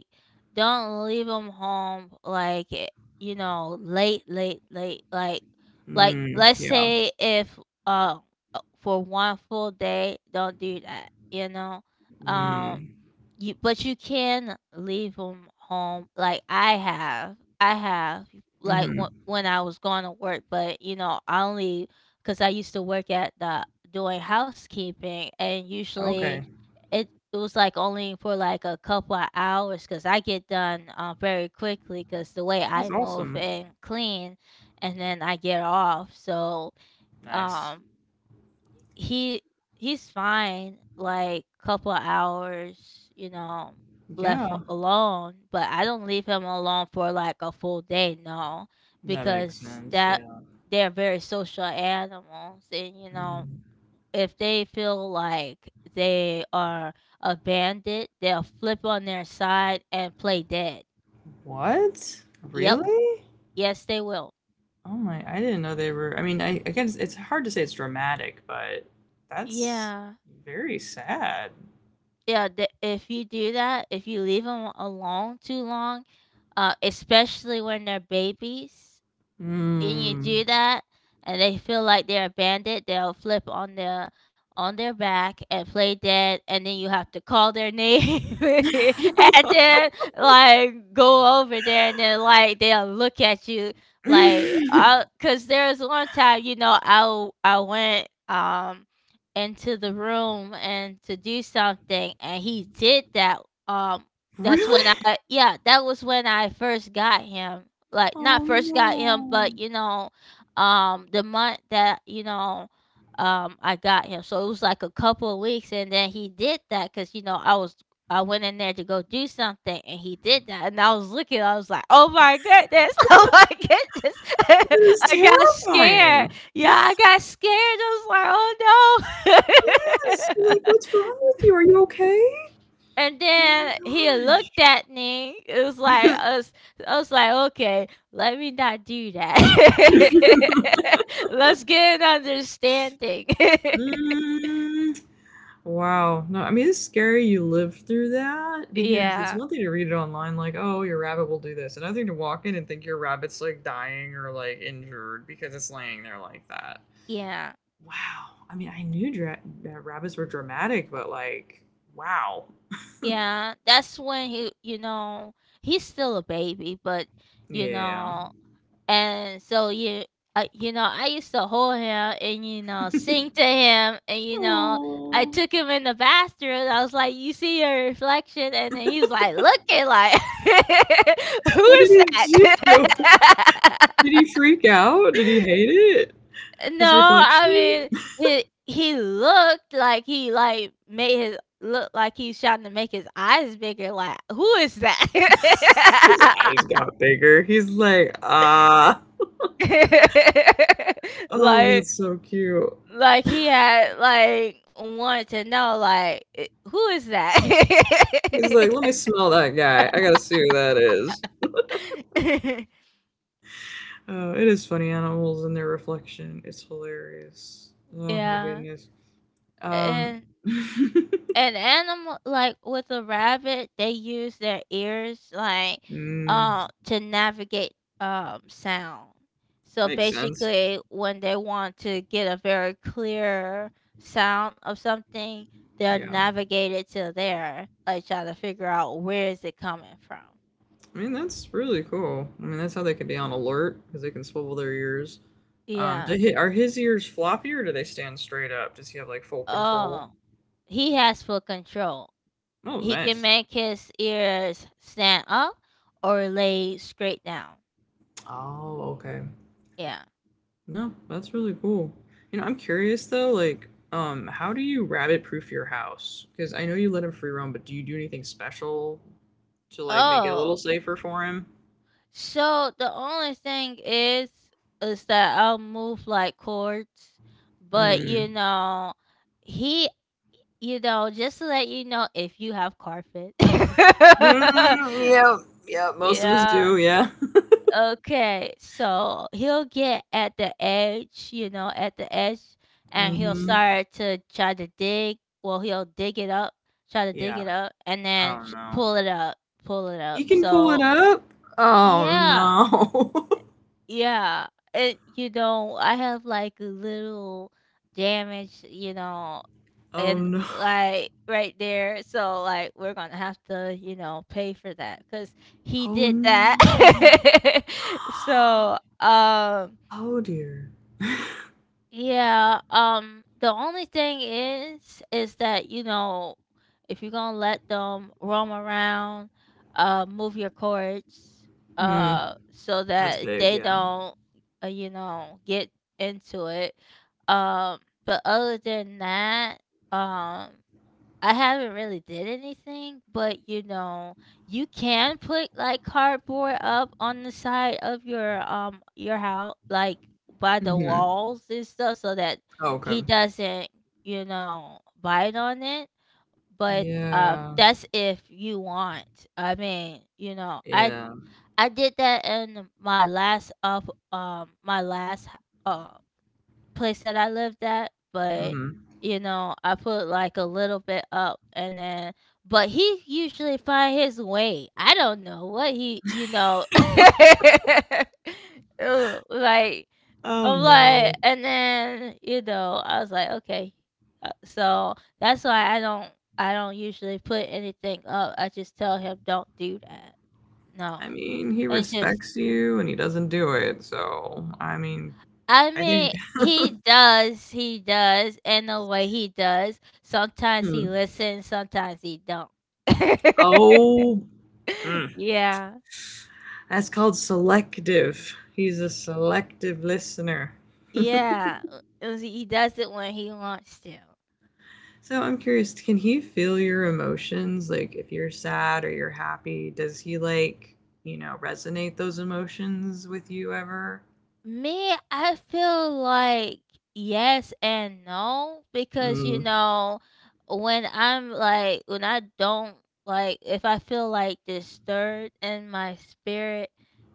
Speaker 1: don't leave them home like you know, late late late like
Speaker 2: Mm,
Speaker 1: let's
Speaker 2: yeah.
Speaker 1: say if uh for one full day, don't do that, you know. Um
Speaker 2: Mm,
Speaker 1: you but you can leave them home like I have. I have like
Speaker 2: mm-hmm.
Speaker 1: when I was going to work, but you know, I only cuz I used to work at the doing housekeeping and usually
Speaker 2: Okay,
Speaker 1: it was, like, only for, like, a couple of hours, cause I get done, very cause the way
Speaker 2: that's
Speaker 1: I move
Speaker 2: awesome.
Speaker 1: and clean, and then I get off, so,
Speaker 2: Nice.
Speaker 1: um, he he's fine, like, couple of hours, you know,
Speaker 2: Yeah.
Speaker 1: alone, but I don't leave him alone for, like, a full day, no,
Speaker 2: That makes
Speaker 1: because
Speaker 2: sense,
Speaker 1: that
Speaker 2: yeah.
Speaker 1: they're very social animals and, you know,
Speaker 2: Mm.
Speaker 1: if they feel like they are abandoned, they'll flip on their side and play dead.
Speaker 2: What?
Speaker 1: Yep.
Speaker 2: Really?
Speaker 1: Yes, they will.
Speaker 2: Oh my, I didn't know they were. I mean, I guess it's hard to say it's dramatic, but that's
Speaker 1: Yeah.
Speaker 2: very sad.
Speaker 1: Yeah, if you do that, if you leave them alone too long, especially when they're babies, and you do
Speaker 2: Hmm.
Speaker 1: that and they feel like they're abandoned, they'll flip on their back and play dead and then you have to call their name and then like go over there and then like they'll look at you like cuz there was one time you know I went into the room and to do something and he did that um that's when
Speaker 2: Really?
Speaker 1: I yeah that was when I first got him like not
Speaker 2: Oh
Speaker 1: first got him, but
Speaker 2: no.
Speaker 1: you know, the month that you know, I got him. So it was like a couple of weeks, and then he did that because you know I was I went in there to go do something, and he did that, and I was looking, I was like, oh my goodness, oh
Speaker 2: That
Speaker 1: my goodness,
Speaker 2: is
Speaker 1: I got scared.
Speaker 2: terrifying.
Speaker 1: Yeah, I got scared. Was like,
Speaker 2: Yes. You're
Speaker 1: oh
Speaker 2: like,
Speaker 1: no.
Speaker 2: what's wrong with you? Are you okay?
Speaker 1: And
Speaker 2: Oh my
Speaker 1: then he looked at me. It was like
Speaker 2: gosh.
Speaker 1: I was like, okay, let me not do that. Let's get an understanding.
Speaker 2: Mm. Wow. No, I mean, it's scary you live through that because it's
Speaker 1: yeah,
Speaker 2: one thing to read it online, like, oh, your rabbit will do this. Another thing to walk in and think your rabbit's like dying or like injured because it's laying there like that.
Speaker 1: yeah,
Speaker 2: Wow. I mean, I knew that rabbits were dramatic, but like, wow.
Speaker 1: yeah. That's when he, you know, he's still a baby, but you
Speaker 2: Yeah.
Speaker 1: know, And so you, you know, I used to hold him and you know sing to him, and you know, I
Speaker 2: Oh.
Speaker 1: took him in the bathroom. I was like, "You see your reflection," and then he was like, looking like, "Who
Speaker 2: What did
Speaker 1: is
Speaker 2: he
Speaker 1: that?"
Speaker 2: do? Did he freak out? Did he hate it?
Speaker 1: No,
Speaker 2: His
Speaker 1: I
Speaker 2: reflection?
Speaker 1: mean he he looked like he like made his look like he's trying to make his eyes bigger. Like, who is that?
Speaker 2: His eyes got bigger. He's like, ah. Oh,
Speaker 1: Like
Speaker 2: that's so cute.
Speaker 1: Like he had like wanted to know like, "I who is that?"
Speaker 2: He's like, let me smell that guy. I gotta see who that is. It is funny animals and their reflection. It's hilarious. Oh my
Speaker 1: Yeah,
Speaker 2: goodness. Um,
Speaker 1: and an animal like with a rabbit, they use their ears, like,
Speaker 2: mm,
Speaker 1: to navigate, sound. So
Speaker 2: makes sense.
Speaker 1: basically, when they want to get a very clear sound of something, they'll
Speaker 2: Yeah.
Speaker 1: navigate it to there, like, try to figure out where is it coming from.
Speaker 2: I mean, that's really cool. I mean, that's how they can be on alert because they can swivel their ears.
Speaker 1: Yeah.
Speaker 2: Are his ears floppy or do they stand straight up? Does he have like full control?
Speaker 1: Oh. He has full control.
Speaker 2: Oh,
Speaker 1: He can
Speaker 2: nice.
Speaker 1: make his ears stand up or lay straight down.
Speaker 2: Oh, okay.
Speaker 1: Yeah.
Speaker 2: No, that's really cool. You know, I'm curious though, like, how do you rabbit proof your house? Because I know you let him free roam, but do you do anything special to like make it a little
Speaker 1: Oh.
Speaker 2: safer for him?
Speaker 1: So the only thing is that I'll move like chords, but you
Speaker 2: Mm.
Speaker 1: know, he you know, just to let you know if you have carpet.
Speaker 2: Mm, yeah, yeah, most of us
Speaker 1: Yeah.
Speaker 2: do, yeah.
Speaker 1: Okay, so he'll get at the edge, you know, at the edge, and he'll
Speaker 2: Hmm.
Speaker 1: start to try to dig. Well, he'll dig it up, try to dig
Speaker 2: Yeah.
Speaker 1: it up, and then
Speaker 2: Oh no.
Speaker 1: pull it up, pull it
Speaker 2: He
Speaker 1: up.
Speaker 2: can pull it
Speaker 1: So,
Speaker 2: up? Oh
Speaker 1: yeah,
Speaker 2: no.
Speaker 1: yeah. It, you know, I have like a little damage, you know,
Speaker 2: Oh
Speaker 1: and
Speaker 2: no.
Speaker 1: like right there so like we're gonna have to you know pay for that because he
Speaker 2: Oh
Speaker 1: did that
Speaker 2: no.
Speaker 1: so
Speaker 2: Oh dear.
Speaker 1: yeah the only thing is that you know if you're gonna let them roam around move your cords
Speaker 2: Mm,
Speaker 1: so
Speaker 2: that's
Speaker 1: that
Speaker 2: big,
Speaker 1: they
Speaker 2: yeah.
Speaker 1: don't you know get into it um but other than that um I haven't really did anything, but, you know, you can put, like, cardboard up on the side of your house, like, by the
Speaker 2: Hmm,
Speaker 1: walls and stuff so that he
Speaker 2: okay.
Speaker 1: doesn't, you know, bite on it, but,
Speaker 2: Yeah.
Speaker 1: that's if you want. I mean, you know,
Speaker 2: Yeah.
Speaker 1: I did that in my last of, my last h uh, place that I lived at, but,
Speaker 2: Mhm.
Speaker 1: you know, I put, like, a little bit up and then but he usually find his way. I don't know what he you know? Ugh, like,
Speaker 2: Oh
Speaker 1: I'm like
Speaker 2: no.
Speaker 1: and then, you know, I was like, "Okay." So, that's why I don't usually put anything up. I just tell him, "Don't do that."
Speaker 2: I
Speaker 1: No,
Speaker 2: mean, he
Speaker 1: and just
Speaker 2: respects you and he doesn't do it, so I mean,
Speaker 1: I
Speaker 2: I think.
Speaker 1: mean, he does. He does. In a way, he does. Sometimes he
Speaker 2: Hmm.
Speaker 1: listens. Sometimes he don't.
Speaker 2: Oh, mm.
Speaker 1: Yeah.
Speaker 2: That's called selective. He's a selective listener.
Speaker 1: Yeah. He does it when he wants to.
Speaker 2: So I'm curious, can he feel your emotions? Like if you're sad or you're happy, does he like, resonate those emotions with you ever?
Speaker 1: Me, I feel like yes and no because you
Speaker 2: Mm.
Speaker 1: know when I don't like if I feel like disturbed in my spirit,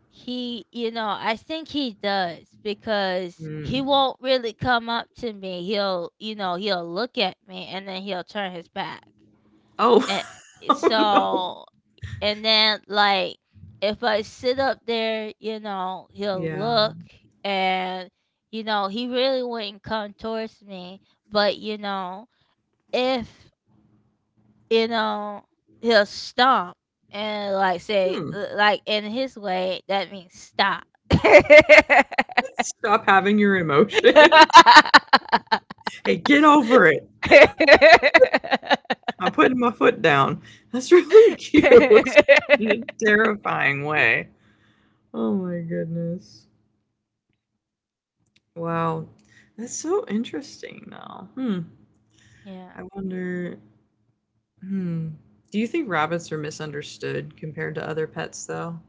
Speaker 1: he, you know, I think he does because he
Speaker 2: Mm.
Speaker 1: won't really come up to me. He'll, you know, he'll look at me and then he'll turn his back. And
Speaker 2: Oh. Oh no.
Speaker 1: so and then, like, if I sit up there, you know, he'll
Speaker 2: Yeah.
Speaker 1: look and, you know, he really wouldn't come towards me. But, you know, if, you know, he'll stomp and, like, say,
Speaker 2: Hmm.
Speaker 1: like, in his way, that means stop.
Speaker 2: Stop having your emotions. Hey, get over it. I'm putting my foot down. That's really cute in a terrifying way. Oh my goodness. Wow. That's so interesting though. Hmm.
Speaker 1: Yeah.
Speaker 2: I wonder, hmm. Do you think rabbits are misunderstood compared to other pets though?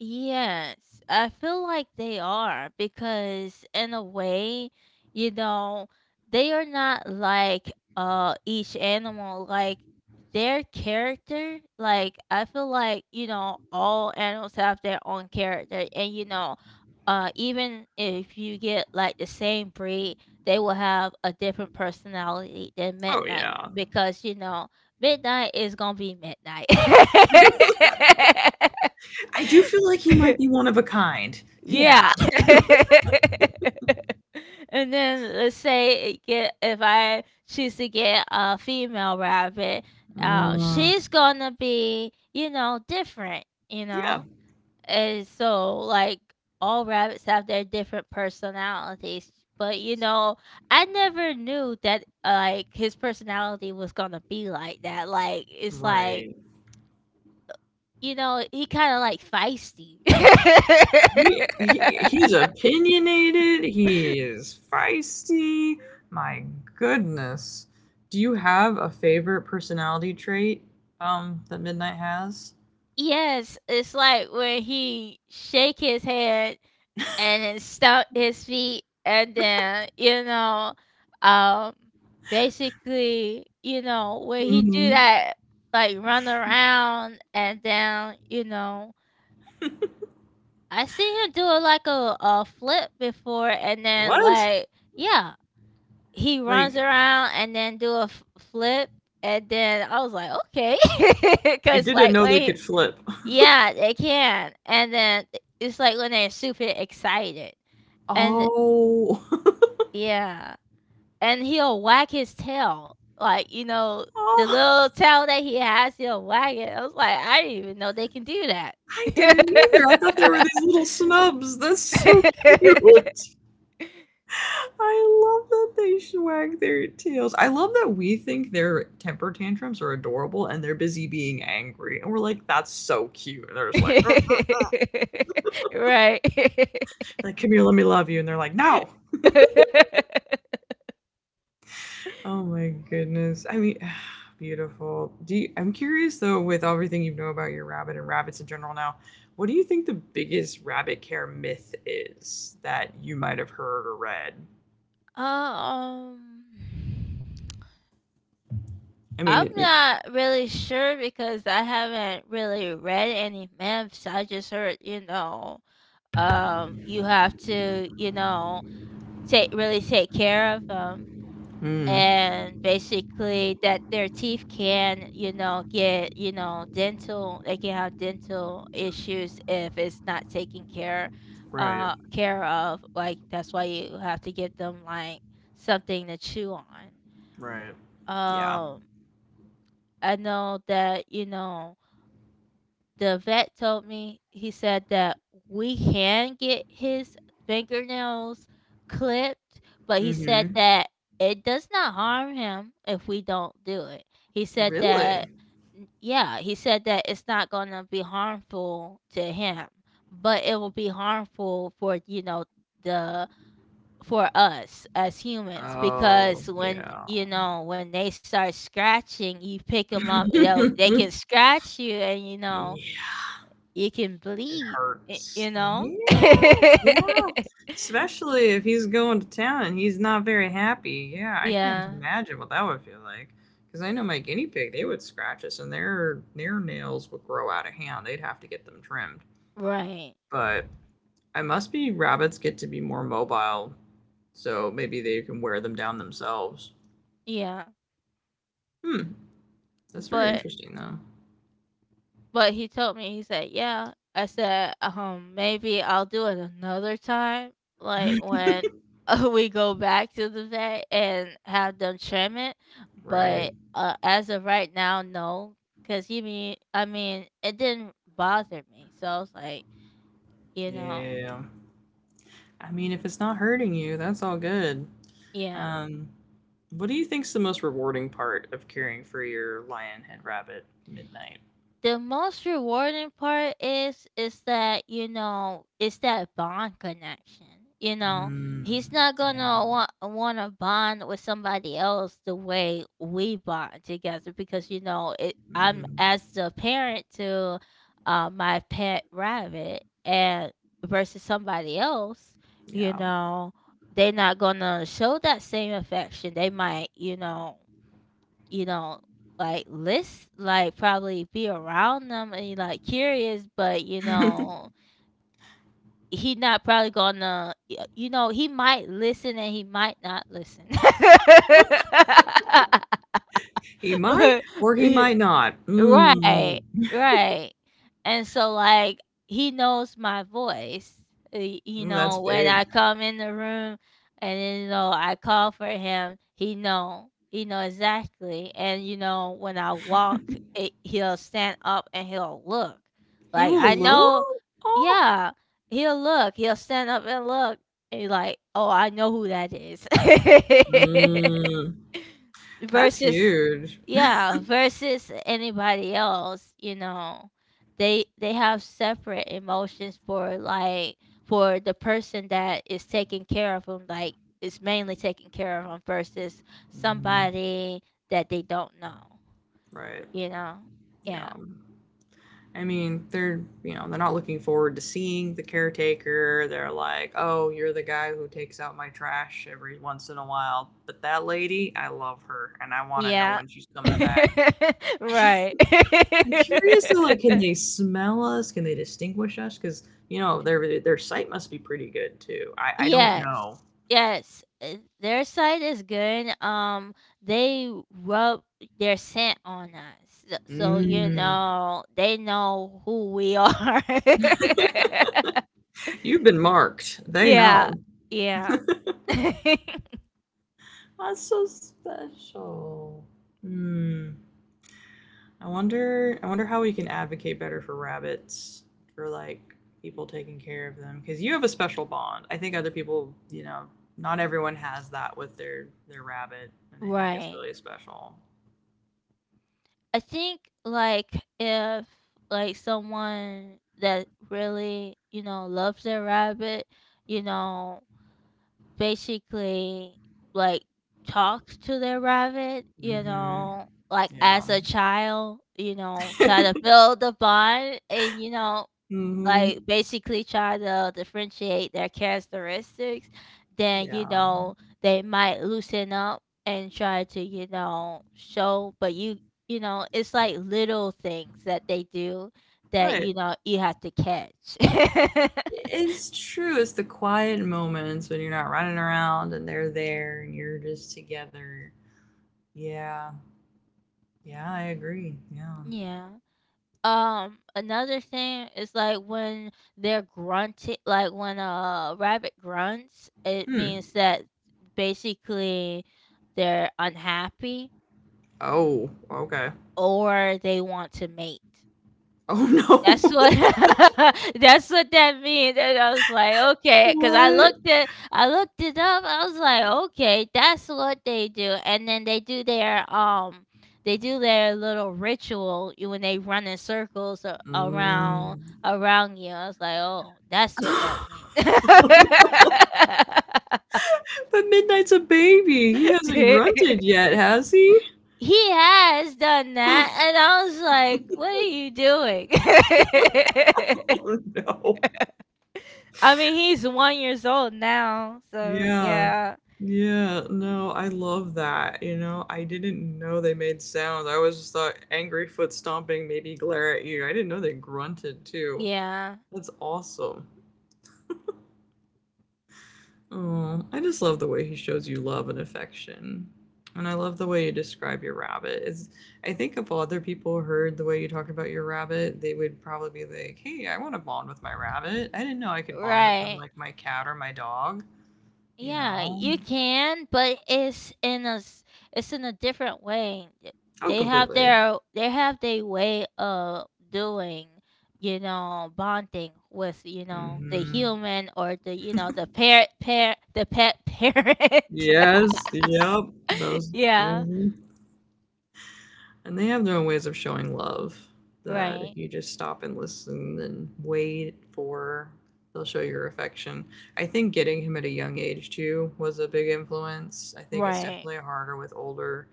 Speaker 1: Yes, I feel like they are because in a way, you know, they are not like each animal like their character. Like I feel like, you know, all animals have their own character, and you know, even if you get like the same breed, they will have a different personality than
Speaker 2: Oh
Speaker 1: Midnight
Speaker 2: yeah.
Speaker 1: because you know, Midnight is going to be Midnight.
Speaker 2: I do feel like he might be one of a kind. Yeah.
Speaker 1: Yeah. And then let's say it get if I choose to get a female rabbit,
Speaker 2: Uh,
Speaker 1: she's gonna be, you know, different, you know?
Speaker 2: yeah.
Speaker 1: And so like all rabbits have their different personalities. But you know, I never knew that like his personality was gonna be like that. Like it's like,
Speaker 2: Right.
Speaker 1: you know, he kinda like feisty.
Speaker 2: He, he he's opinionated, he is feisty. My goodness. Do you have a favorite personality trait that Midnight has?
Speaker 1: Yes, it's like when he shake his head and then stomp his feet and then, you know, um basically, you know, when he
Speaker 2: Mhm.
Speaker 1: do that like run around and then, you know, I see him do it like a flip before and then
Speaker 2: What?
Speaker 1: like yeah, he runs
Speaker 2: Like
Speaker 1: around and then do a flip and then I was like, okay,
Speaker 2: I
Speaker 1: because
Speaker 2: didn't
Speaker 1: like
Speaker 2: know they
Speaker 1: when
Speaker 2: could flip.
Speaker 1: yeah, they can, and then I it's like when they're super excited, and
Speaker 2: Oh.
Speaker 1: yeah, and he'll wag his tail, like, you know, the little
Speaker 2: Oh,
Speaker 1: tail that he has, he'll wag it. I was like, "I didn't even know they can do that."
Speaker 2: I didn't either. I thought there were these little snubs. That's so cute. I love that they swag their tails. I love that we think their temper tantrums are adorable and they're busy being angry. And we're like, that's so cute. And they're just like, uh."
Speaker 1: Right.
Speaker 2: Like, come here, let me love you. And they're like, no. Oh my goodness. I mean, beautiful. Do you, I'm curious though, with everything you know about your rabbit and rabbits in general now, what do you think the biggest rabbit care myth is that you might have heard or read?
Speaker 1: um
Speaker 2: I mean,
Speaker 1: I'm not really sure because I haven't really read any myths. I just heard, you know, you have to, you know, take really take care of them,
Speaker 2: mm,
Speaker 1: and basically that their teeth can, you know, get, you know, dental. They can have dental issues if it's not taken care,
Speaker 2: right,
Speaker 1: uh, care of. Like that's why you have to give them like something to chew on.
Speaker 2: right. Yeah.
Speaker 1: Um, I know that you know the vet told me, he said that we can get his fingernails clipped, but he
Speaker 2: Mm hmm.
Speaker 1: said that it does not harm him if we don't do it. He said
Speaker 2: Really?
Speaker 1: that, yeah, he said that it's not going to be harmful to him, but it will be harmful for, you know, the for us as humans
Speaker 2: Oh,
Speaker 1: because when
Speaker 2: yeah.
Speaker 1: you know when they start scratching you pick them up they can scratch you, and you know
Speaker 2: Yeah,
Speaker 1: it can
Speaker 2: it
Speaker 1: bleed.
Speaker 2: hurts.
Speaker 1: You know?
Speaker 2: Yeah, yeah. Especially if he's going to town and he's not very happy. Yeah, I can't
Speaker 1: Yeah,
Speaker 2: imagine what that would feel like. Because I know my guinea pig, they would scratch us and their nails would grow out of hand. They'd have to get them trimmed.
Speaker 1: right.
Speaker 2: But I must be rabbits get to be more mobile, so maybe they can wear them down themselves.
Speaker 1: Yeah,
Speaker 2: Hmm, that's very
Speaker 1: but
Speaker 2: interesting though.
Speaker 1: but he told me. He said, "Yeah." I said, maybe I'll do it another time, like when we go back to the vet and have them trim it."
Speaker 2: Right.
Speaker 1: But as of right now, no, because you mean I mean it didn't bother me, so I was like, you know,
Speaker 2: Yeah. I mean, if it's not hurting you, that's all good.
Speaker 1: yeah.
Speaker 2: Um, what do you think's the most rewarding part of caring for your lion head rabbit Midnight?
Speaker 1: The most rewarding part is that you know it's that bond connection, you know, he's
Speaker 2: Mm,
Speaker 1: not
Speaker 2: yeah.
Speaker 1: gonna want to bond with somebody else the way we bond together because you know it I'm
Speaker 2: Mm,
Speaker 1: as the parent to my pet rabbit and versus somebody else, you
Speaker 2: yeah.
Speaker 1: know, they're not gonna show that same affection. They might, you know, you know, like list like probably be around them and like curious, but you know, he not probably gonna you know, he might listen and he might not listen.
Speaker 2: He might or he might not. Mm,
Speaker 1: Right,
Speaker 2: ooh,
Speaker 1: right. And so like he knows my voice. You
Speaker 2: that's
Speaker 1: know, when
Speaker 2: big.
Speaker 1: I come in the room and you know I call for him, he know. He know exactly. And you know, when I walk, it, he'll stand up and he'll look.
Speaker 2: He
Speaker 1: Like
Speaker 2: will
Speaker 1: I
Speaker 2: low?
Speaker 1: know
Speaker 2: Oh.
Speaker 1: yeah, he'll look. He'll stand up and look. And he's like, "Oh, I know who that is."
Speaker 2: Mm, that's
Speaker 1: Versus
Speaker 2: huge.
Speaker 1: yeah, versus anybody else, you know. They have separate emotions for like for the person that is taking care of them, like is mainly taking care of them versus
Speaker 2: Mm,
Speaker 1: somebody that they don't know,
Speaker 2: right.
Speaker 1: you know.
Speaker 2: Yeah.
Speaker 1: Yeah.
Speaker 2: I mean, they're you know they're not looking forward to seeing the caretaker. They're like, oh, you're the guy who takes out my trash every once in a while. But that lady, I love her, and I want to know
Speaker 1: Yeah.
Speaker 2: when she's coming back.
Speaker 1: Right.
Speaker 2: I'm curious though, like, can they smell us? Can they distinguish us? Because you know their sight must be pretty good too. I don't know.
Speaker 1: Yes. Yes. Their side is good. Um, they rub their scent on us. So, so you
Speaker 2: Mm,
Speaker 1: know, they know who we are.
Speaker 2: you've been marked. They
Speaker 1: Yeah.
Speaker 2: know.
Speaker 1: Yeah.
Speaker 2: That's so special. Mm. I wonder. I wonder how we can advocate better for rabbits for like people taking care of them because you have a special bond. I think other people, you know, not everyone has that with their rabbit, and I think it's
Speaker 1: Right.
Speaker 2: really special.
Speaker 1: I think like if like someone that really, you know, loves their rabbit, you know, basically like talks to their rabbit, you
Speaker 2: Hmm.
Speaker 1: know, like as
Speaker 2: Yeah.
Speaker 1: a child, you know, try to build a bond and you know,
Speaker 2: Hmm.
Speaker 1: like basically try to differentiate their characteristics, then you
Speaker 2: Yeah.
Speaker 1: know, they might loosen up and try to, you know, show but you know, it's like little things that they do that,
Speaker 2: But
Speaker 1: you know, you have to catch.
Speaker 2: it's true. It's the quiet moments when you're not running around and they're there and you're just together. Yeah. Yeah, I agree. Yeah.
Speaker 1: Yeah. Another thing is like when they're grunting, like when a rabbit grunts, it
Speaker 2: Hmm.
Speaker 1: means that basically they're unhappy
Speaker 2: Oh, okay.
Speaker 1: or they want to mate.
Speaker 2: Oh
Speaker 1: That's
Speaker 2: no.
Speaker 1: what that's what that means. And I was like, okay, because
Speaker 2: What?
Speaker 1: I looked it up. I was like, okay, that's what they do. And then they do their little ritual when they run in circles
Speaker 2: Mm.
Speaker 1: around you. I was like, oh, that's what that
Speaker 2: Oh,
Speaker 1: means.
Speaker 2: no. But Midnight's a baby. He hasn't
Speaker 1: He
Speaker 2: grunted yet, has he?
Speaker 1: has done that, and I was like, what are you doing?
Speaker 2: Oh, no.
Speaker 1: I mean, he's 1 years old now, so
Speaker 2: Yeah.
Speaker 1: yeah.
Speaker 2: Yeah. No, I love that, you know? I didn't know they made sounds. I always just thought angry foot stomping, maybe glare at you. I didn't know they grunted too.
Speaker 1: Yeah,
Speaker 2: That's awesome. Oh, I just love the way he shows you love and affection. And I love the way you describe your rabbit. It's, I think if other people heard the way you talked about your rabbit, they would probably be like, hey, I want to bond with my rabbit. I didn't know I could bond with them
Speaker 1: right.
Speaker 2: like my cat or my dog, you
Speaker 1: Yeah,
Speaker 2: know?
Speaker 1: you can, but it's in a different way. Th
Speaker 2: Oh,
Speaker 1: They have
Speaker 2: completely.
Speaker 1: their they have their way of doing, you know, bonding with, you know, the
Speaker 2: Hmm.
Speaker 1: human or the, you know, the parent the pet parent.
Speaker 2: Yes, yep. Those.
Speaker 1: Yeah,
Speaker 2: Mhm. And they have their own ways of showing love that
Speaker 1: right,
Speaker 2: if you just stop and listen and wait for, they'll show your affection. I think getting him at a young age too was a big influence. I think it's
Speaker 1: right,
Speaker 2: definitely harder with older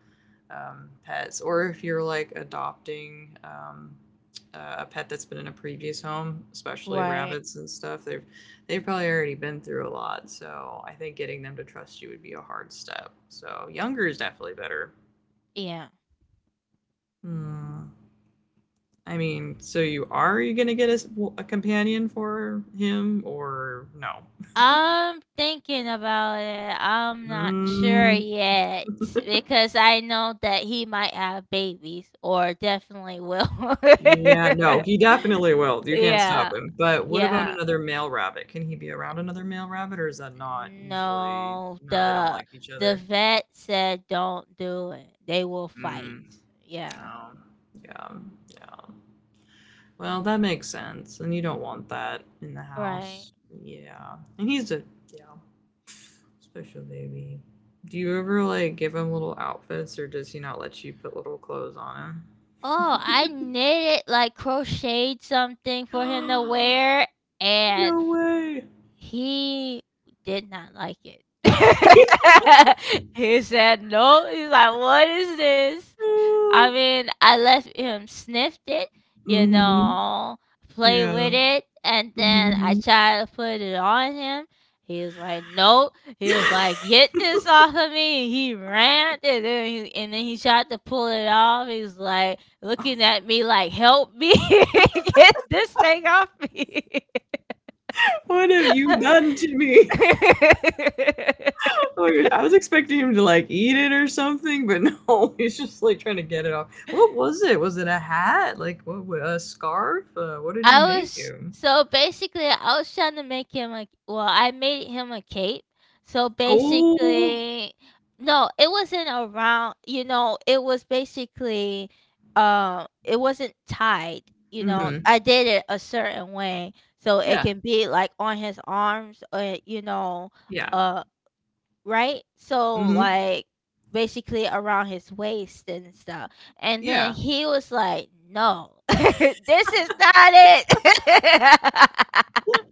Speaker 2: pets, or if you're like adopting a pet that's been in a previous home, especially
Speaker 1: right.
Speaker 2: rabbits and stuff. They've probably already been through a lot, so I think getting them to trust you would be a hard step. So younger is definitely better.
Speaker 1: Yeah.
Speaker 2: Hmm. I mean, so you are you gonna get a, s- w- a companion for him or no?
Speaker 1: I'm thinking about it. I'm not sure
Speaker 2: Mm.
Speaker 1: yet because I know that he might have babies or definitely will.
Speaker 2: Yeah, no, he definitely will. You can't stop
Speaker 1: Yeah.
Speaker 2: him. But what about
Speaker 1: Yeah.
Speaker 2: another male rabbit? Can he be around another male rabbit, or is that not usually?
Speaker 1: No,
Speaker 2: No, they don't
Speaker 1: the
Speaker 2: like each
Speaker 1: the
Speaker 2: other.
Speaker 1: vet said don't do it. They will fight.
Speaker 2: Mm,
Speaker 1: Yeah.
Speaker 2: oh, yeah, yeah. Well, that makes sense. And you don't want that in the
Speaker 1: Right.
Speaker 2: house. Yeah. And he's a yeah. Special baby. Do you ever like give him little outfits or does he not let you put little clothes on
Speaker 1: Oh, I
Speaker 2: him?
Speaker 1: knitted like crocheted something for him to wear and
Speaker 2: No way.
Speaker 1: he did not like it. He said, "No." He's like, "What is this?" I mean, I left him sniffed it, you
Speaker 2: Mm-hmm.
Speaker 1: know, play with
Speaker 2: Yeah.
Speaker 1: it, and then I
Speaker 2: Mm-hmm.
Speaker 1: tried to put it on him. He was like, "No." He was like, "Get this off of me." And he ran, and then he tried to pull it off. He was like looking at me like, "Help me get this thing off me."
Speaker 2: What have you done to me? Like, I was expecting him to like eat it or something, but no, he's just like trying to get it off. What was it? Was it a hat? Like what? A scarf? What did you
Speaker 1: I
Speaker 2: make
Speaker 1: was
Speaker 2: him?
Speaker 1: so basically I was trying to make him a well, I made him a cape. So
Speaker 2: Oh,
Speaker 1: basically no, it wasn't around you know, it was basically it wasn't tied, you know.
Speaker 2: mm-hmm.
Speaker 1: I did it a certain way so it
Speaker 2: Yeah,
Speaker 1: can be like on his arms or you know,
Speaker 2: yeah,
Speaker 1: uh right? So
Speaker 2: mm-hmm.
Speaker 1: like basically around his waist and stuff. And then
Speaker 2: Yeah.
Speaker 1: he was like, "No. This is not it."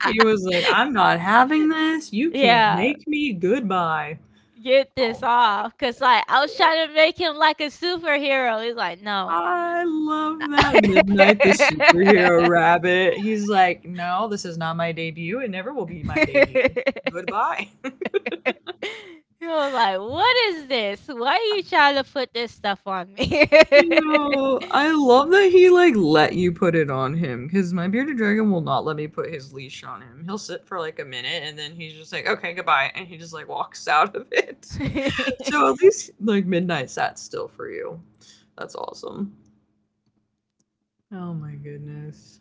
Speaker 2: He was like, "I'm not having this. You can't
Speaker 1: Yeah.
Speaker 2: make me. Goodbye."
Speaker 1: Get
Speaker 2: Oh
Speaker 1: this
Speaker 2: my
Speaker 1: off cuz
Speaker 2: goodness.
Speaker 1: like I was trying to make him like a superhero. He's like, "No."
Speaker 2: I love that Midnight the Superhero Rabbit. He's like, "No, this is not my debut. It never will be my debut. Goodbye."
Speaker 1: He was like, "What is this? Why are you trying to put this stuff on me?"
Speaker 2: Ew, I love that he, like, let you put it on him because my bearded dragon will not let me put his leash on him. He'll sit for, like, a minute, and then he's just like, "Okay, goodbye," and he just, like, walks out of it. So at least, like, Midnight sat still for you. That's awesome. Oh my goodness.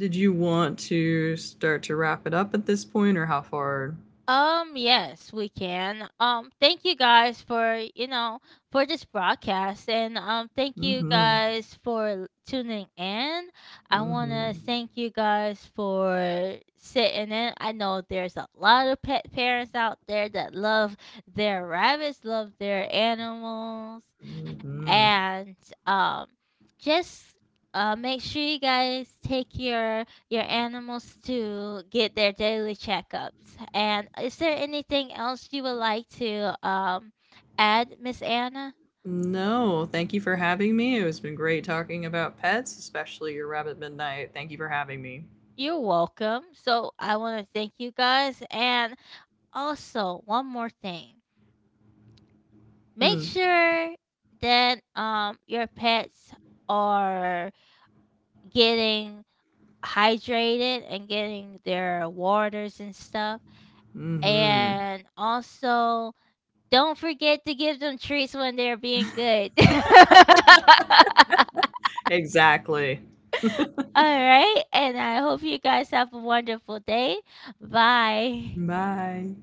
Speaker 2: Did you want to start to wrap it up at this point, or how far?
Speaker 1: Yes, we can. Thank you guys for, you know, for this broadcast and thank you
Speaker 2: Mhm.
Speaker 1: guys for tuning in. I want to
Speaker 2: Mhm.
Speaker 1: thank you guys for sitting in. I know there's a lot of pet parents out there that love their rabbits, love their animals
Speaker 2: Mhm.
Speaker 1: and um just make sure you guys take your animals to get their daily checkups. And is there anything else you would like to add, Miss Anna?
Speaker 2: No, thank you for having me. It has been great talking about pets, especially your rabbit Midnight. Thank you for having me.
Speaker 1: You're welcome. So I want to thank you guys. And also, one more thing, make
Speaker 2: Hmm.
Speaker 1: sure that your pets are getting hydrated and getting their waters and stuff.
Speaker 2: Mm-hmm.
Speaker 1: And also, don't forget to give them treats when they're being good. All
Speaker 2: Exactly.
Speaker 1: right. And I hope you guys have a wonderful day. Bye.
Speaker 2: Bye.